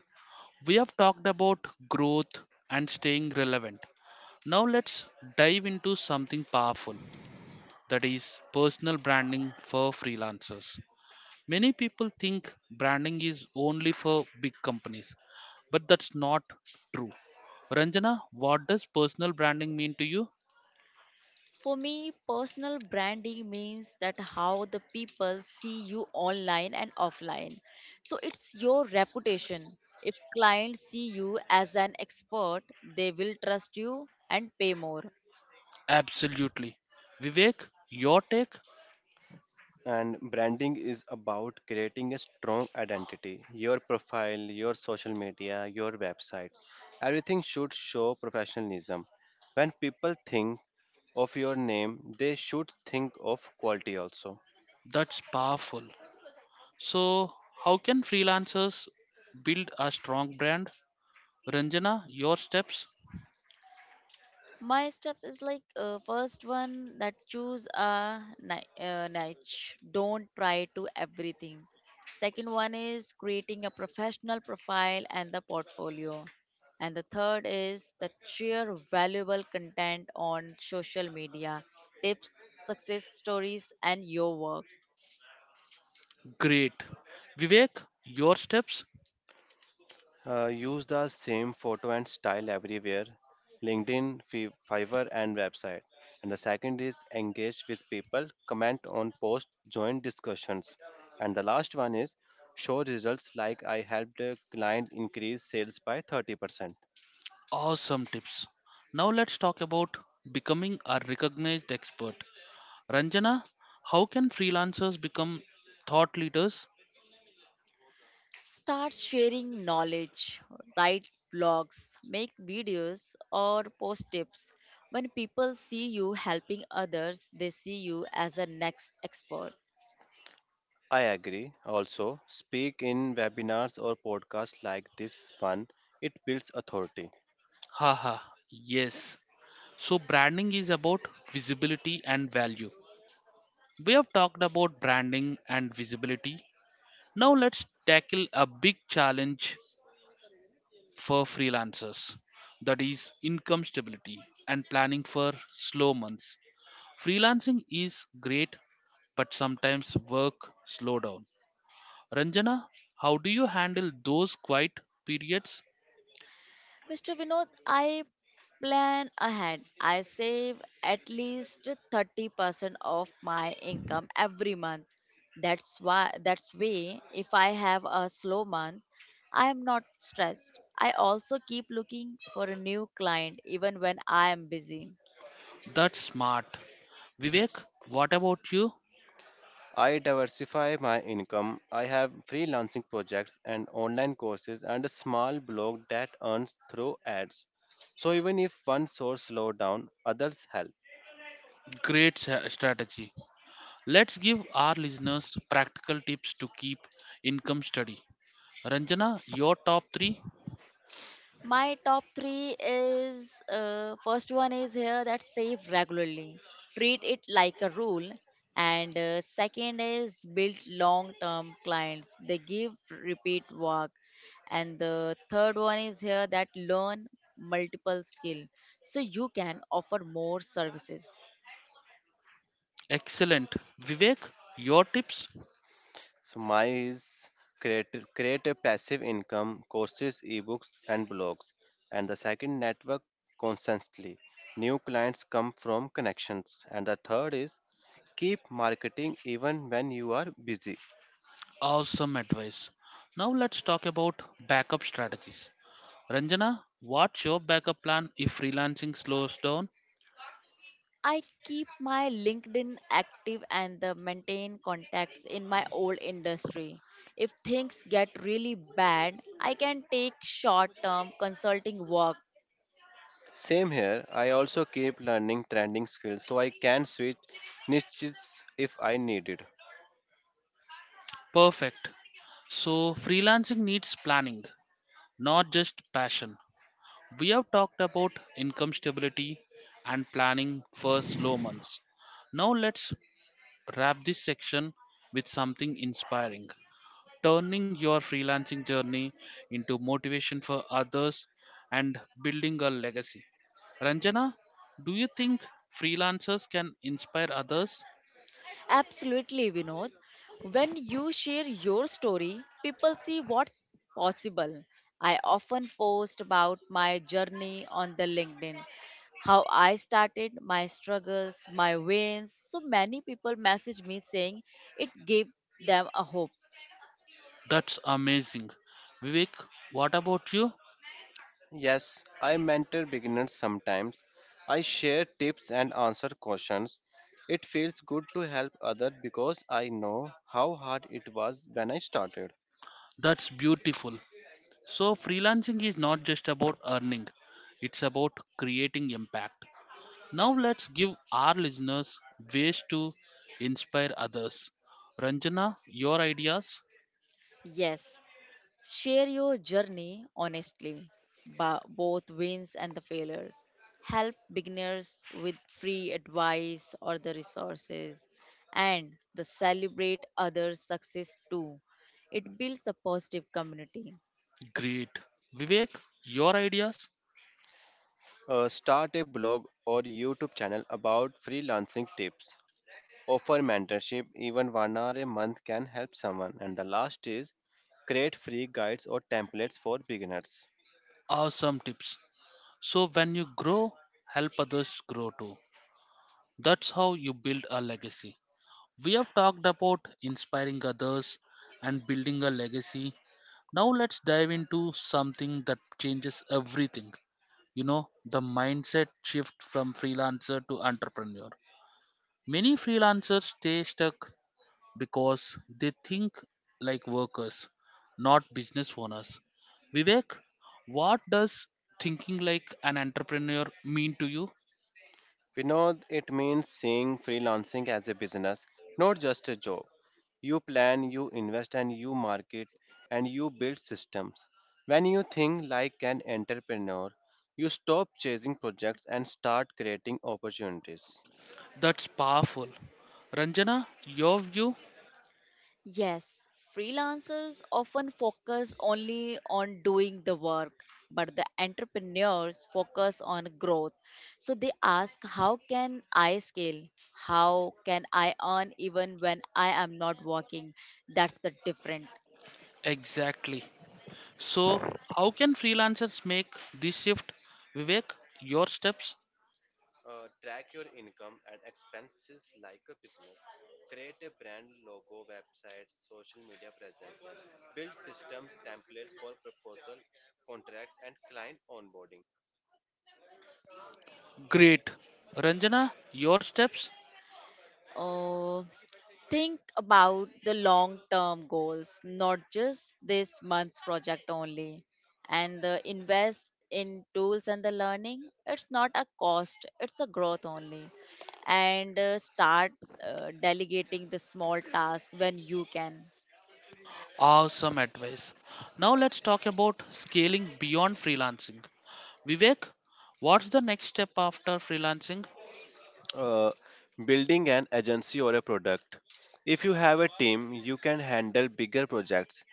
We have talked about growth and staying relevant. Now, let's dive into something powerful, that is personal branding for freelancers. Many people think branding is only for big companies, but that's not true. Ranjana, what does personal branding mean to you?
For me, personal branding means that how the people see you online and offline. So it's your reputation. If clients see you as an expert, they will trust you and pay more.
Absolutely. Vivek, your take?
And branding is about creating a strong identity. Your profile, your social media, your websites. Everything should show professionalism. When people think of your name, they should think of quality also.
That's powerful. So, how can freelancers build a strong brand? Ranjana, your steps?
My steps is like first one that choose a niche. Don't try to everything. Second one is creating a professional profile and the portfolio. And the third is the share valuable content on social media, tips, success stories, and your work.
Great. Vivek, your steps?
Use the same photo and style everywhere: LinkedIn, Fiverr, and website. And the second is engage with people, comment on posts, join discussions. And the last one is show results like I helped a client increase sales by 30%.
Awesome tips. Now, let's talk about becoming a recognized expert. Ranjana, how can freelancers become thought leaders?
Start sharing knowledge, write blogs, make videos, or post tips. When people see you helping others, they see you as a next expert.
I agree. Also, speak in webinars or podcasts like this one. It builds authority.
Haha, yes. So, branding is about visibility and value. We have talked about branding and visibility. Now, let's tackle a big challenge for freelancers, that is, income stability and planning for slow months. Freelancing is great, but sometimes work slow down. Ranjana, how do you handle those quiet periods?
Mr. Vinod, I plan ahead. I save at least 30% of my income every month. That's why, that's way, if I have a slow month, I am not stressed. I also keep looking for a new client even when I am busy.
That's smart. Vivek, what about you?
I diversify my income. I have freelancing projects and online courses and a small blog that earns through ads. So even if one source slow down, others help.
Great strategy. Let's give our listeners practical tips to keep income steady. Ranjana, your top three?
My top three is first one is here that save regularly, treat it like a rule, and second is build long term clients. They give repeat work, and the third one is here that learn multiple skill so you can offer more services.
Excellent. Vivek, your tips?
So my is create create a passive income, courses, ebooks and blogs. And the second network constantly. New clients come from connections. And the third is keep marketing even when you are busy.
Awesome advice. Now let's talk about backup strategies. Ranjana, what's your backup plan if freelancing slows down?
I keep my LinkedIn active and the maintain contacts in my old industry. If things get really bad, I can take short-term consulting work.
Same here. I also keep learning trending skills so I can switch niches if I need it.
Perfect. So, freelancing needs planning, not just passion. We have talked about income stability and planning for slow months. Now let's wrap this section with something inspiring. Turning your freelancing journey into motivation for others and building a legacy. Ranjana, do you think freelancers can inspire others?
Absolutely, Vinod. When you share your story, people see what's possible. I often post about my journey on the LinkedIn, how I started, my struggles, my wins. So many people message me saying it gave them a hope.
That's amazing. Vivek, what about you?
Yes, I mentor beginners sometimes. I share tips and answer questions. It feels good to help others because I know how hard it was when I started.
That's beautiful. So, freelancing is not just about earning, it's about creating impact. Now, let's give our listeners ways to inspire others. Ranjana, your ideas?
Yes, share your journey honestly, both wins and the failures. Help beginners with free advice or the resources, and the celebrate others' success too. It builds a positive community.
Great. Vivek, your ideas?
Start a blog or YouTube channel about freelancing tips. Offer mentorship, even one hour a month can help someone. And the last is create free guides or templates for beginners.
Awesome tips. So, when you grow, help others grow too. That's how you build a legacy. We have talked about inspiring others and building a legacy. Now, let's dive into something that changes everything, the mindset shift from freelancer to entrepreneur. Many freelancers stay stuck because they think like workers, not business owners. Vivek, what does thinking like an entrepreneur mean to you?
We know it means seeing freelancing as a business, not just a job. You plan, you invest, and you market, and you build systems. When you think like an entrepreneur, you stop chasing projects and start creating opportunities.
That's powerful. Ranjana, your view?
Yes, freelancers often focus only on doing the work, but the entrepreneurs focus on growth. So they ask, how can I scale? How can I earn even when I am not working? That's the difference.
Exactly. So, how can freelancers make this shift? Vivek, your steps?
Track your income and expenses like a business. Create a brand logo, website, social media presence. Build systems, templates for proposal, contracts, and client onboarding.
Great. Ranjana, your steps?
uh, think about the long term goals, not just this month's project only, and the invest in tools and the learning. It's not a cost, it's a growth only. And start delegating the small tasks when you can.
Awesome advice. Now let's talk about scaling beyond freelancing. Vivek, what's the next step after freelancing?
uh, Building an agency or a product. If you have a team, you can handle bigger projects,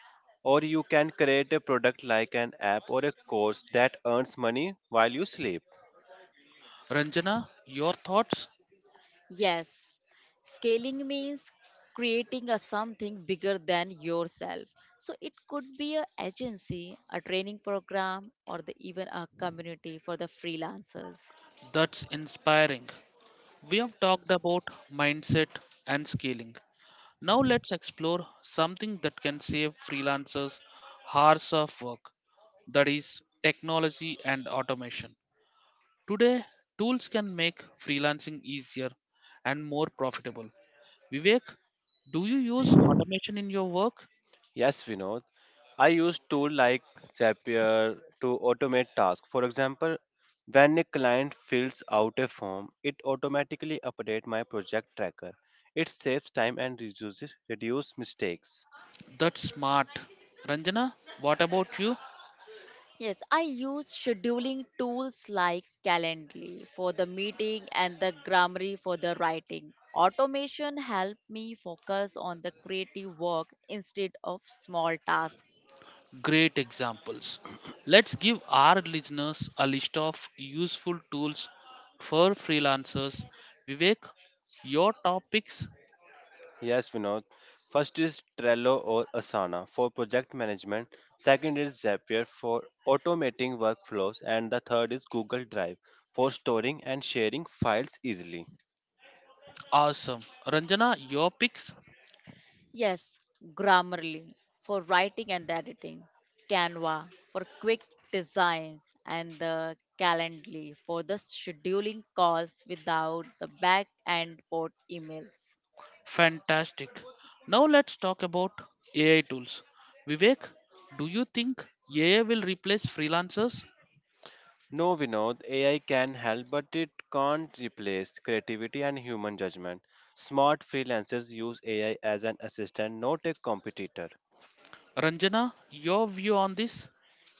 or you can create a product like an app or a course that earns money while you sleep.
Ranjana, your thoughts?
Yes, scaling means creating a something bigger than yourself. So it could be a agency, a training program, or even a community for the freelancers.
That's inspiring. We have talked about mindset and scaling. Now let's explore something that can save freelancers hours of work, that is, technology and automation. Today, tools can make freelancing easier and more profitable. Vivek, do you use automation in your work?
Yes, Vinod. I use tools like Zapier to automate tasks. For example, when a client fills out a form, it automatically updates my project tracker. It saves time and reduces reduce mistakes.
That's smart. Ranjana, what about you?
Yes, I use scheduling tools like Calendly for the meeting and the Grammarly for the writing. Automation help me focus on the creative work instead of small tasks.
Great examples. Let's give our listeners a list of useful tools for freelancers. Vivek, your topics?
Yes, Vinod. First is Trello or Asana for project management. Second is Zapier for automating workflows. And the third is Google Drive for storing and sharing files easily.
Awesome. Ranjana, your picks?
Yes, Grammarly for writing and editing, Canva for quick designs, and the Calendly for the scheduling calls without the back and forth emails.
Fantastic. Now let's talk about AI tools. Vivek, do you think AI will replace freelancers?
No, Vinod, AI can help, but it can't replace creativity and human judgment. Smart freelancers use AI as an assistant, not a competitor.
Ranjana, your view on this?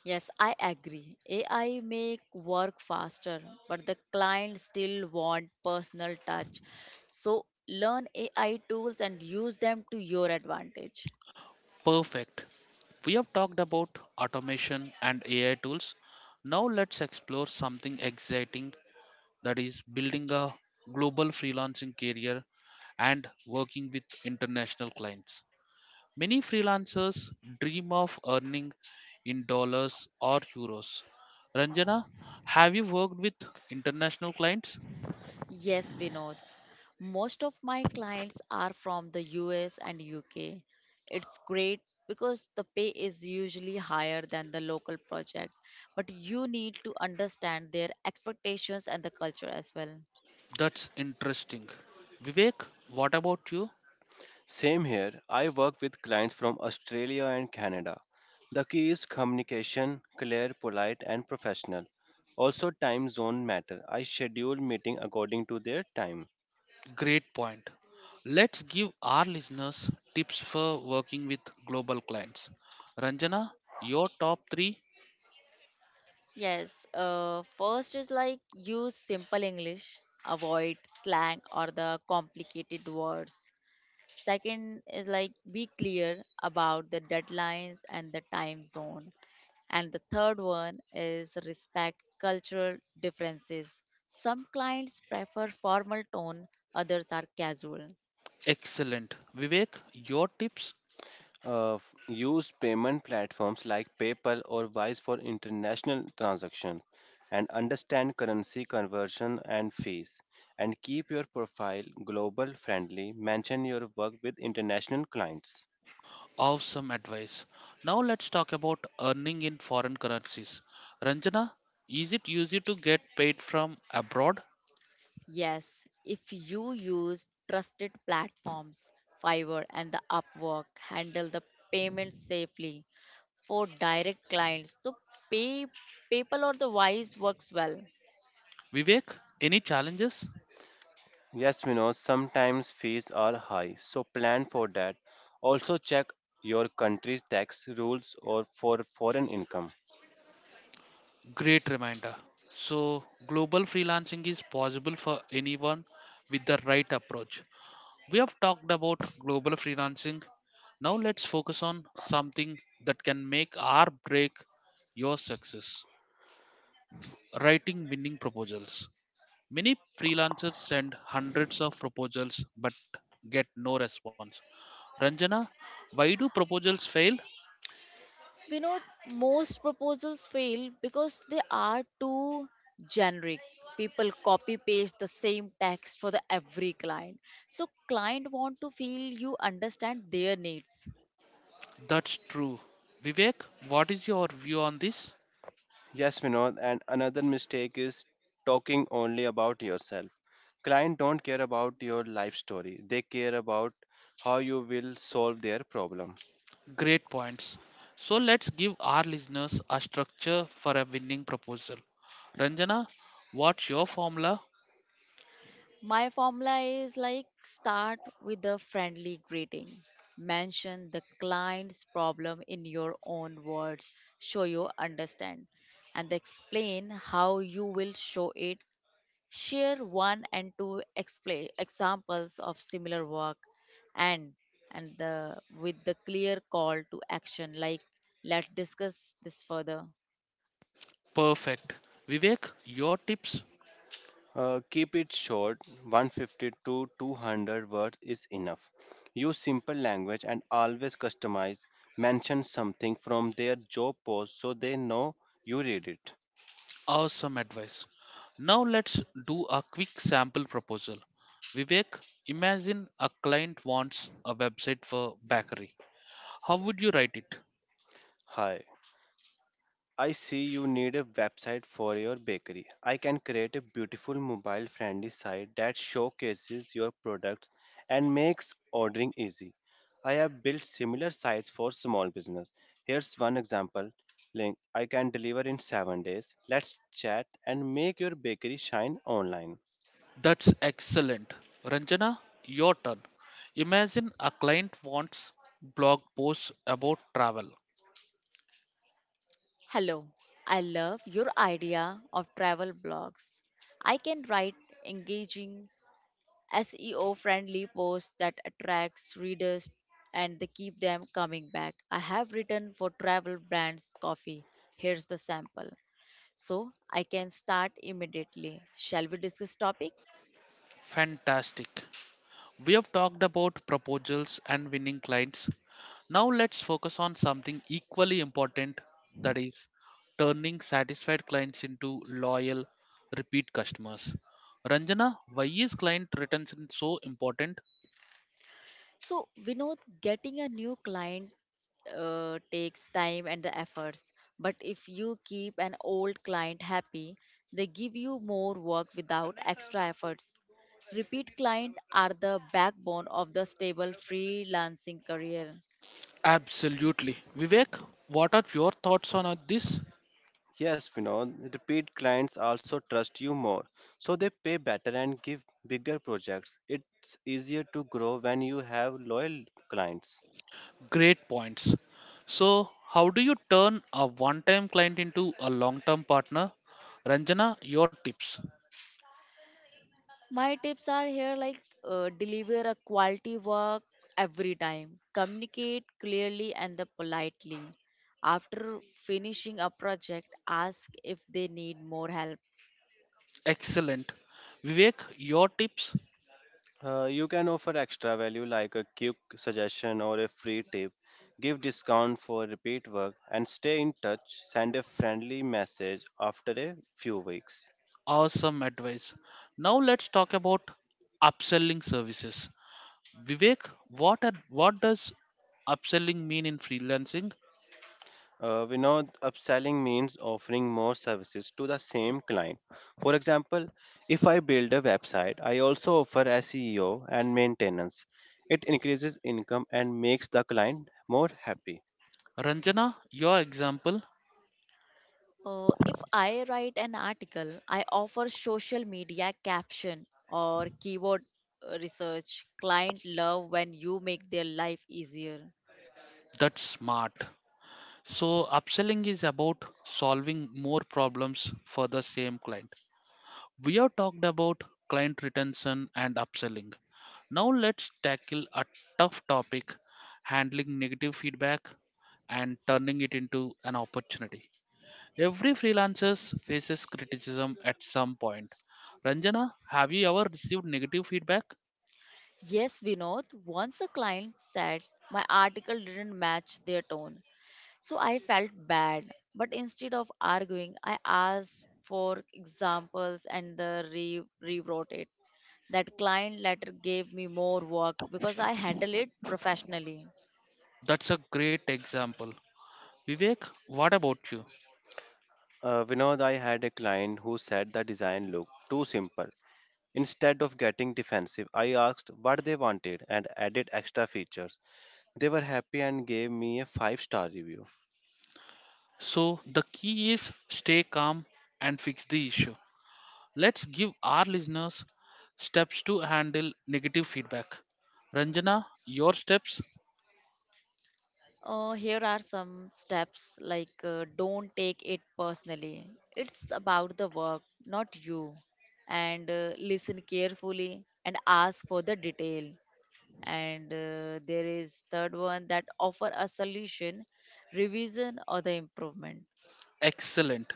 Yes, I agree. AI make work faster, but the client still want personal touch. So learn AI tools and use them to your advantage.
Perfect. We have talked about automation and AI tools. Now let's explore something exciting, that is building a global freelancing career and working with international clients. Many freelancers dream of earning in dollars or euros. Ranjana, have you worked with international clients?
Yes, Vinod. Most of my clients are from the US and UK. It's great because the pay is usually higher than the local project, but you need to understand their expectations and the culture as well.
That's interesting. Vivek, what about you?
Same here. I work with clients from Australia and Canada. The key is communication, clear, polite, and professional. Also, time zone matter. I schedule meeting according to their time.
Great point. Let's give our listeners tips for working with global clients. Ranjana, your top three?
Yes, first is like use simple English, avoid slang or the complicated words. Second is like be clear about the deadlines and the time zone. And the third one is respect cultural differences. Some clients prefer formal tone, others are casual.
Excellent. Vivek, your tips?
Use payment platforms like PayPal or Wise for international transactions, and understand currency conversion and fees. And keep your profile global friendly. Mention your work with international clients.
Awesome advice. Now let's talk about earning in foreign currencies. Ranjana, is it easy to get paid from abroad?
Yes, if you use trusted platforms, Fiverr and the Upwork handle the payments safely for direct clients. The pay PayPal or the Wise works well.
Vivek, any challenges?
Yes, we know sometimes fees are high, so plan for that. Also check your country's tax rules or for foreign income.
Great reminder. So, global freelancing is possible for anyone with the right approach. We have talked about global freelancing. Now, let's focus on something that can make or break your success: writing winning proposals. Many freelancers send hundreds of proposals but get no response. Ranjana, why do proposals fail?
We know most proposals fail because they are too generic. People copy paste the same text for the every client. So client want to feel you understand their needs.
That's true. Vivek, what is your view on this?
Yes, Vinod, and another mistake is talking only about yourself. Client don't care about your life story. They care about how you will solve their problem.
Great points. So let's give our listeners a structure for a winning proposal. Ranjana, what's your formula?
My formula is like start with a friendly greeting. Mention the client's problem in your own words. Show you understand and explain how you will show it. Share one and two expla examples of similar work, and with the clear call to action like, let's discuss this further.
Perfect. Vivek, your tips?
Keep it short, 150 to 200 words is enough. Use simple language and always customize. Mention something from their job post so they know you read it.
Awesome advice. Now let's do a quick sample proposal. Vivek, imagine a client wants a website for bakery. How would you write it?
Hi, I see you need a website for your bakery. I can create a beautiful mobile friendly site that showcases your products and makes ordering easy. I have built similar sites for small business. Here's one example link. I can deliver in 7 days. Let's chat and make your bakery shine online.
That's excellent. Ranjana, your turn. Imagine a client wants blog posts about travel.
Hello, I love your idea of travel blogs. I can write engaging SEO friendly posts that attracts readers and they keep them coming back. I have written for travel brands coffee. Here's the sample. So I can start immediately. Shall we discuss topic?
Fantastic. We have talked about proposals and winning clients. Now let's focus on something equally important, that is turning satisfied clients into loyal repeat customers. Ranjana, why is client retention so important?
So Vinod, getting a new client takes time and the efforts. But if you keep an old client happy, they give you more work without extra efforts. Repeat clients are the backbone of the stable freelancing career.
Absolutely. Vivek, what are your thoughts on these
Yes, Vinod, repeat clients also trust you more, so they pay better and give bigger projects. It's easier to grow when you have loyal clients.
great points? So, how do you turn a one time client into a long term partner? Ranjana, your tips.
My tips are here like deliver a quality work every time, communicate clearly and the politely. After finishing a project, ask if they need more help.
Excellent. Vivek, your tips.
You can offer extra value like a quick suggestion or a free tip, give discount for repeat work, and stay in touch. Send a friendly message after a few weeks.
Awesome advice. Now let's talk about upselling services. Vivek, what does upselling mean in freelancing?
We know upselling means offering more services to the same client. For example, if I build a website, I also offer SEO and maintenance. It increases income and makes the client more happy.
Ranjana, your example,
If I write an article, I offer social media caption or keyword research. Client love when you make their life easier.
that's smart. So upselling is about solving more problems for the same client. We have talked about client retention and upselling. Now let's tackle a tough topic, handling negative feedback and turning it into an opportunity. Every freelancer faces criticism at some point. Ranjana, have you ever received negative feedback?
Yes, Vinod, once a client said my article didn't match their tone. So I felt bad, but instead of arguing, I asked for examples and rewrote it. That client letter gave me more work because I handle it professionally.
That's a great example. Vivek, what about you?
We know that I had a client who said the design looked too simple. Instead of getting defensive, I asked what they wanted and added extra features. They were happy and gave me a 5-star review.
So, the key is stay calm and fix the issue. Let's give our listeners steps to handle negative feedback. Ranjana, your steps?
Here are some steps like don't take it personally. It's about the work, not you. And listen carefully and ask for the detail. And there is third one that offer a solution, revision or the improvement.
Excellent.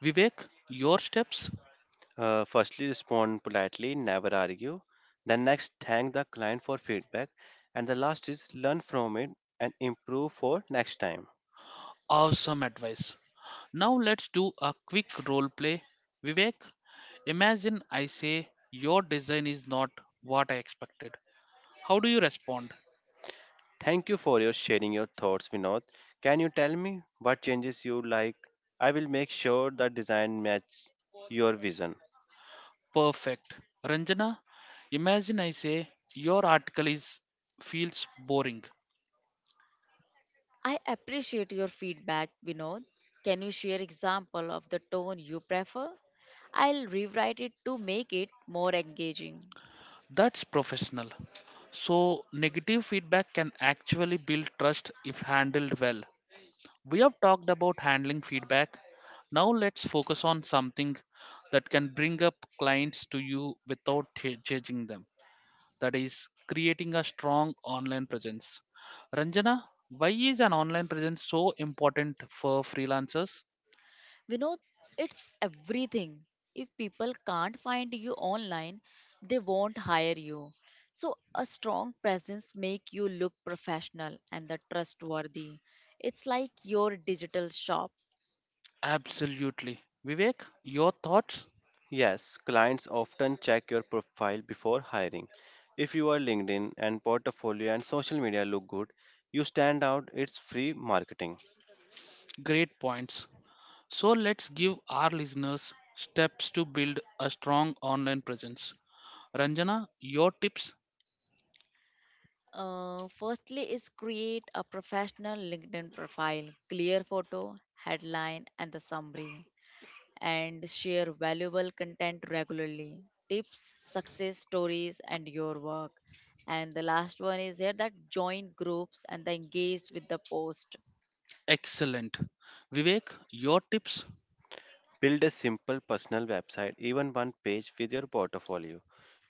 Vivek, your steps?
Firstly, respond politely, never argue. Then, next, thank the client for feedback. And the last is learn from it and improve for next time.
Awesome advice. Now let's do a quick role play. Vivek, imagine I say your design is not what I expected. How do you respond?
Thank you for your sharing your thoughts, Vinod. Can you tell me what changes you like? I will make sure the design matches your vision.
Perfect. Ranjana, imagine I say your article is feels boring.
I appreciate your feedback, Vinod. Can you share example of the tone you prefer? I'll rewrite it to make it more engaging.
That's professional. So negative feedback can actually build trust if handled well. We have talked about handling feedback. Now let's focus on something that can bring up clients to you without judging them. That is creating a strong online presence. Ranjana, why is an online presence so important for freelancers?
Vinod, it's everything. If people can't find you online, they won't hire you. So a strong presence make you look professional and the trustworthy. It's like your digital shop.
Absolutely. Vivek, your thoughts?
Yes, clients often check your profile before hiring. If your LinkedIn and portfolio and social media look good, you stand out. It's free marketing.
Great points. So let's give our listeners steps to build a strong online presence. Ranjana, your tips?
Firstly, is create a professional LinkedIn profile, clear photo, headline, and the summary, and share valuable content regularly, tips, success stories, and your work. And the last one is here that join groups and the engage with the post.
Excellent. Vivek, your tips
Build a simple personal website, even one page with your portfolio.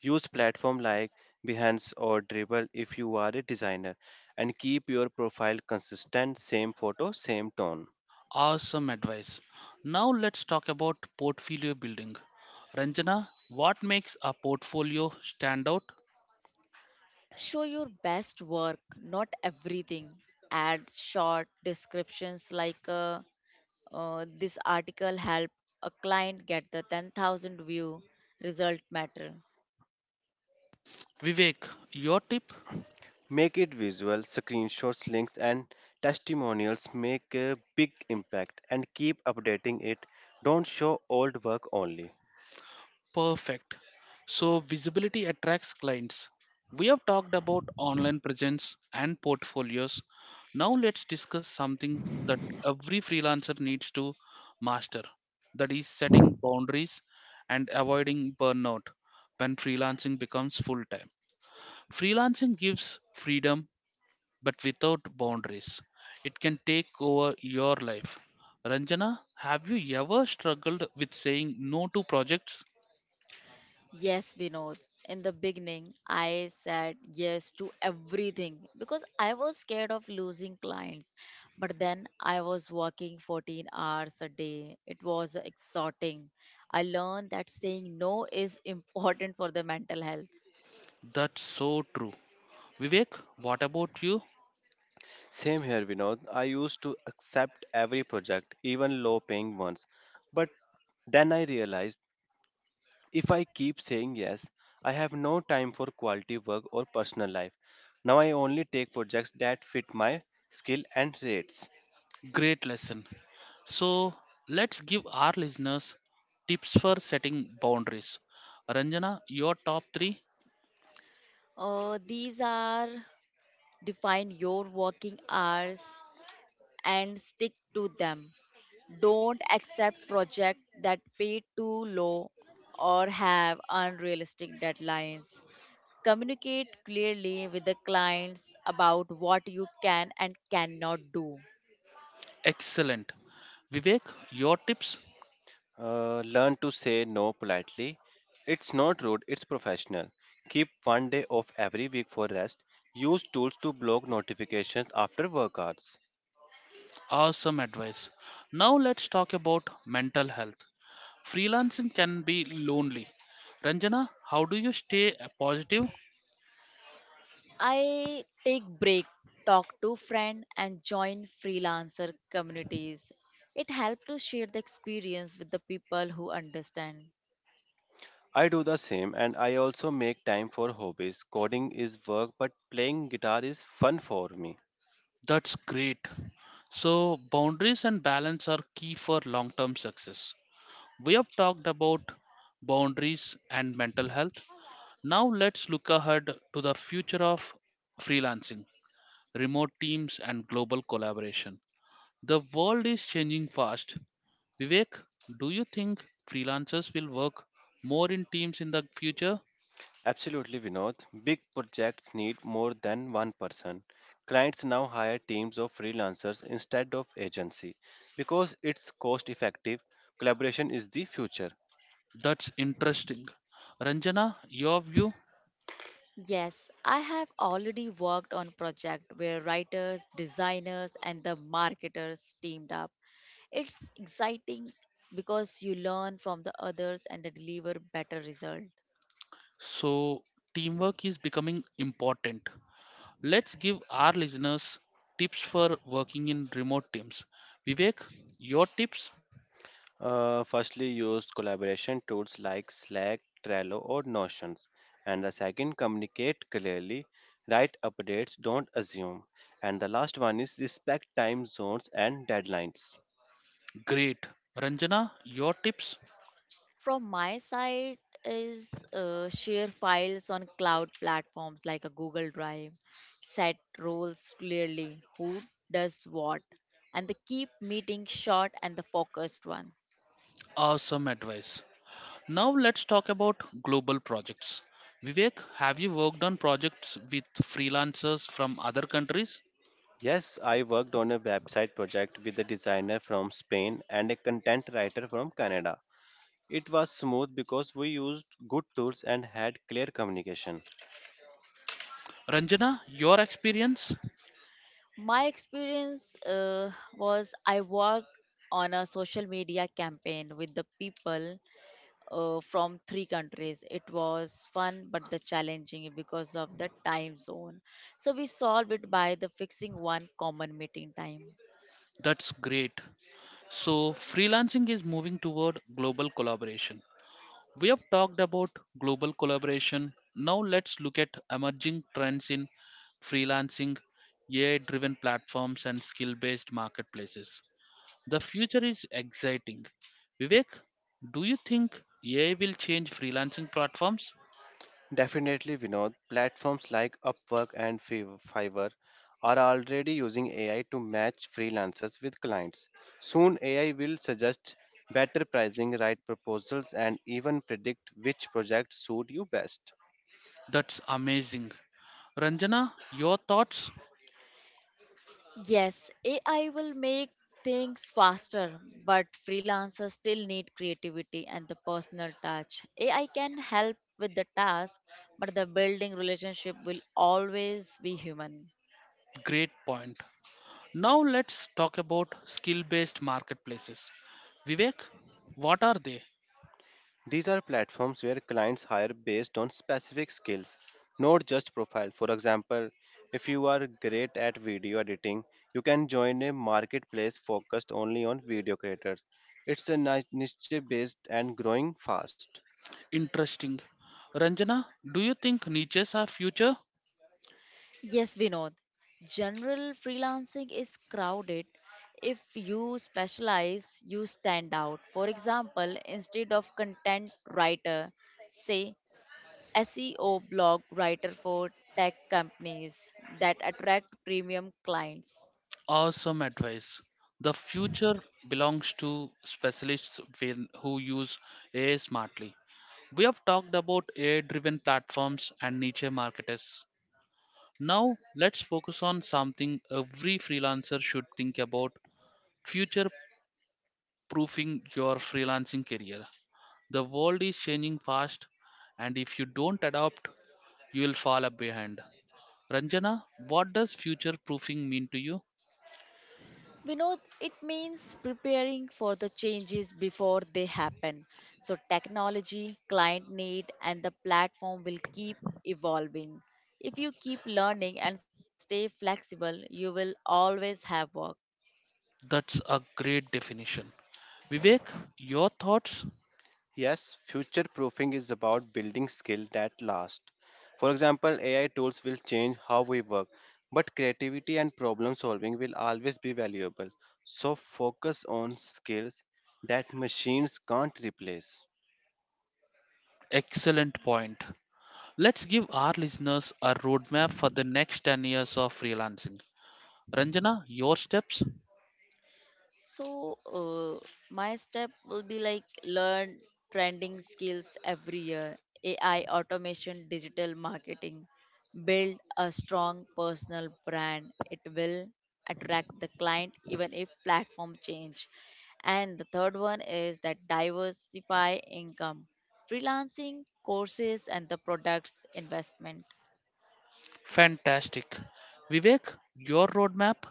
Use platform like Behance or Dribbble if you are a designer and keep your profile consistent, same photo, same tone.
are some advice. Now let's talk about portfolio building. Ranjana, what makes a portfolio stand out?
Show your best work, not everything. Add short descriptions like this article helped a client get the 10,000 view, result matter.
Vivek, your tip?
Make it visual, screenshots, links, and testimonials make a big impact and keep updating it. Don't show old work only.
Perfect. So, visibility attracts clients. We have talked about online presence and portfolios. Now, let's discuss something that every freelancer needs to master, that is, setting boundaries and avoiding burnout when freelancing becomes full time. Freelancing gives freedom but without boundaries, it can take over your life. Ranjana, have you ever struggled with saying no to projects?
Yes, Vinod. In the beginning, I said yes to everything because I was scared of losing clients. But then I was working 14 hours a day. It was exhausting. I learned that saying no is [LAUGHS] important for the mental health.
That's so true. Vivek, what about you?
Same here, Vinod. I used to accept every project, even low paying ones. But then I realized if I keep saying yes, I have no time for quality work or personal life. Now I only take projects that fit my skill and rates.
Great lesson. So let's give our listeners tips for setting boundaries. Ranjana, your top three?
These are, define your working hours and stick to them. Don't accept projects that pay too low or have unrealistic deadlines. Communicate clearly with the clients about what you can and cannot do.
Excellent. Vivek, your tips?
Learn to say no politely. It's not rude, it's professional. Keep one day off every week for rest. Use tools to block notifications after work hours.
Awesome advice. Now let's talk about mental health. Freelancing can be lonely. Ranjana, how do you stay positive?
I take break, talk to friend and join freelancer communities. It helps to share the experience with the people who understand.
I do the same and I also make time for hobbies. Coding is work, but playing guitar is fun for me.
That's great. So, boundaries and balance are key for long term success. We have talked about boundaries and mental health. Now let's look ahead to the future of freelancing, remote teams, and global collaboration. The world is changing fast. Vivek, do you think freelancers will work more in teams in the future?
Absolutely, Vinod. Big projects need more than one person. Clients now hire teams of freelancers instead of agency because it's cost effective. Collaboration is the future.
That's interesting. Ranjana, your view?
Yes, I have already worked on project where writers, designers and the marketers teamed up. It's exciting because you learn from the others and deliver better result.
So, teamwork is becoming important. Let's give our listeners tips for working in remote teams. Vivek, your tips?
Firstly, use collaboration tools like Slack, Trello, or Notions. And the second, communicate clearly, write updates, don't assume. And the last one is respect time zones and deadlines.
Great. Ranjana, your tips?
From my side is share files on cloud platforms like a Google Drive, set roles clearly, who does what, and the keep meeting short and the focused one.
Awesome advice. Now let's talk about global projects. Vivek, have you worked on projects with freelancers from other countries?
Yes, I worked on a website project with a designer from Spain and a content writer from Canada. It was smooth because we used good tools and had clear communication.
Ranjana, your experience?
My experience was I worked on a social media campaign with the people from three countries. It was fun but the challenging because of the time zone. So we solved it by the fixing one common meeting time.
That's great. So, freelancing is moving toward global collaboration. We have talked about global collaboration. Now let's look at emerging trends in freelancing, AI driven platforms, and skill based marketplaces. The future is exciting. Vivek, do you think AI will change freelancing platforms?
Definitely, Vinod. Platforms like Upwork and Fiverr are already using AI to match freelancers with clients. Soon, AI will suggest better pricing, write proposals, and even predict which projects suit you best.
That's amazing. Ranjana, your thoughts?
Yes, AI will make things faster, but freelancers still need creativity and the personal touch. AI can help with the task, but the building relationship will always be human.
Great point. Now let's talk about skill based marketplaces. Vivek, what are they?
These are platforms where clients hire based on specific skills, not just profile. For example, if you are great at video editing, you can join a marketplace focused only on video creators. It's a niche based and growing fast.
Interesting. Ranjana, do you think niches are future?
Yes, Vinod. General freelancing is crowded. If you specialize, you stand out. For example, instead of content writer, say SEO blog writer for tech companies that attract premium clients.
Awesome advice. The future belongs to specialists who use AI smartly. We have talked about AI driven platforms and niche marketers. Now, let's focus on something every freelancer should think about: future proofing your freelancing career. The world is changing fast, and if you don't adapt, you will fall up behind. Ranjana, what does future proofing mean to you?
We know it means preparing for the changes before they happen. So, technology, client need, and the platform will keep evolving. If you keep learning and stay flexible, you will always have work.
That's a great definition. Vivek, your thoughts?
Yes, future proofing is about building skill that last. For example, AI tools will change how we work, but creativity and problem solving will always be valuable. So focus on skills that machines can't replace.
Excellent point. Let's give our listeners a roadmap for the next 10 years of freelancing. Ranjana, your steps?
So, uh, my step will be like learn trending skills every year, AI automation, digital marketing, build a strong personal brand. It will attract the client even if platform change. And the third one is that diversify income, freelancing, courses, and the products investment.
Fantastic. Vivek, your roadmap?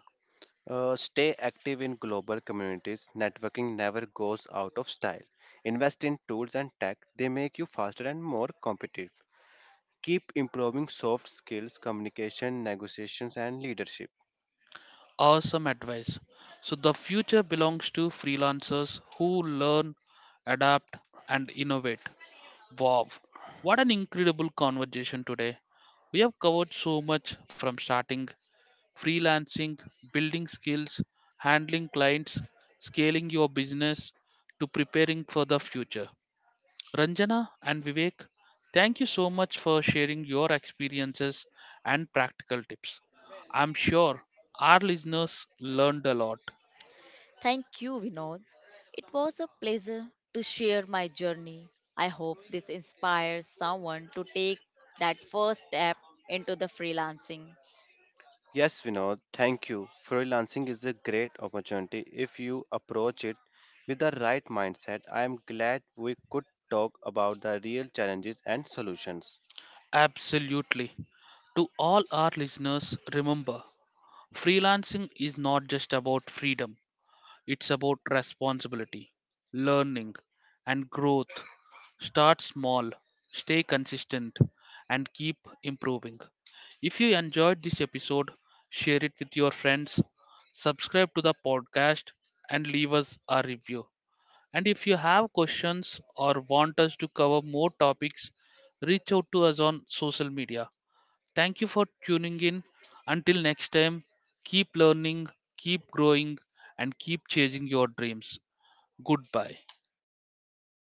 Stay active in global communities. Networking never goes out of style. Invest in tools and tech, they make you faster and more competitive. Keep improving soft skills, communication, negotiations, and leadership.
Awesome advice. So, the future belongs to freelancers who learn, adapt, and innovate. Wow, what an incredible conversation today. We have covered so much, from starting freelancing, building skills, handling clients, scaling your business, to preparing for the future. Ranjana and Vivek, thank you so much for sharing your experiences and practical tips. I'm sure our listeners learned a lot.
Thank you, Vinod. It was a pleasure to share my journey. I hope this inspires someone to take that first step into the freelancing.
Yes, Vinod, thank you. Freelancing is a great opportunity if you approach it with the right mindset. I am glad we could talk about the real challenges and solutions.
Absolutely. To all our listeners, remember, freelancing is not just about freedom. It's about responsibility, learning, and growth. Start small, stay consistent, and keep improving. If you enjoyed this episode, share it with your friends, subscribe to the podcast, and leave us a review. And if you have questions or want us to cover more topics, reach out to us on social media. Thank you for tuning in. Until next time, keep learning, keep growing, and keep chasing your dreams. Goodbye.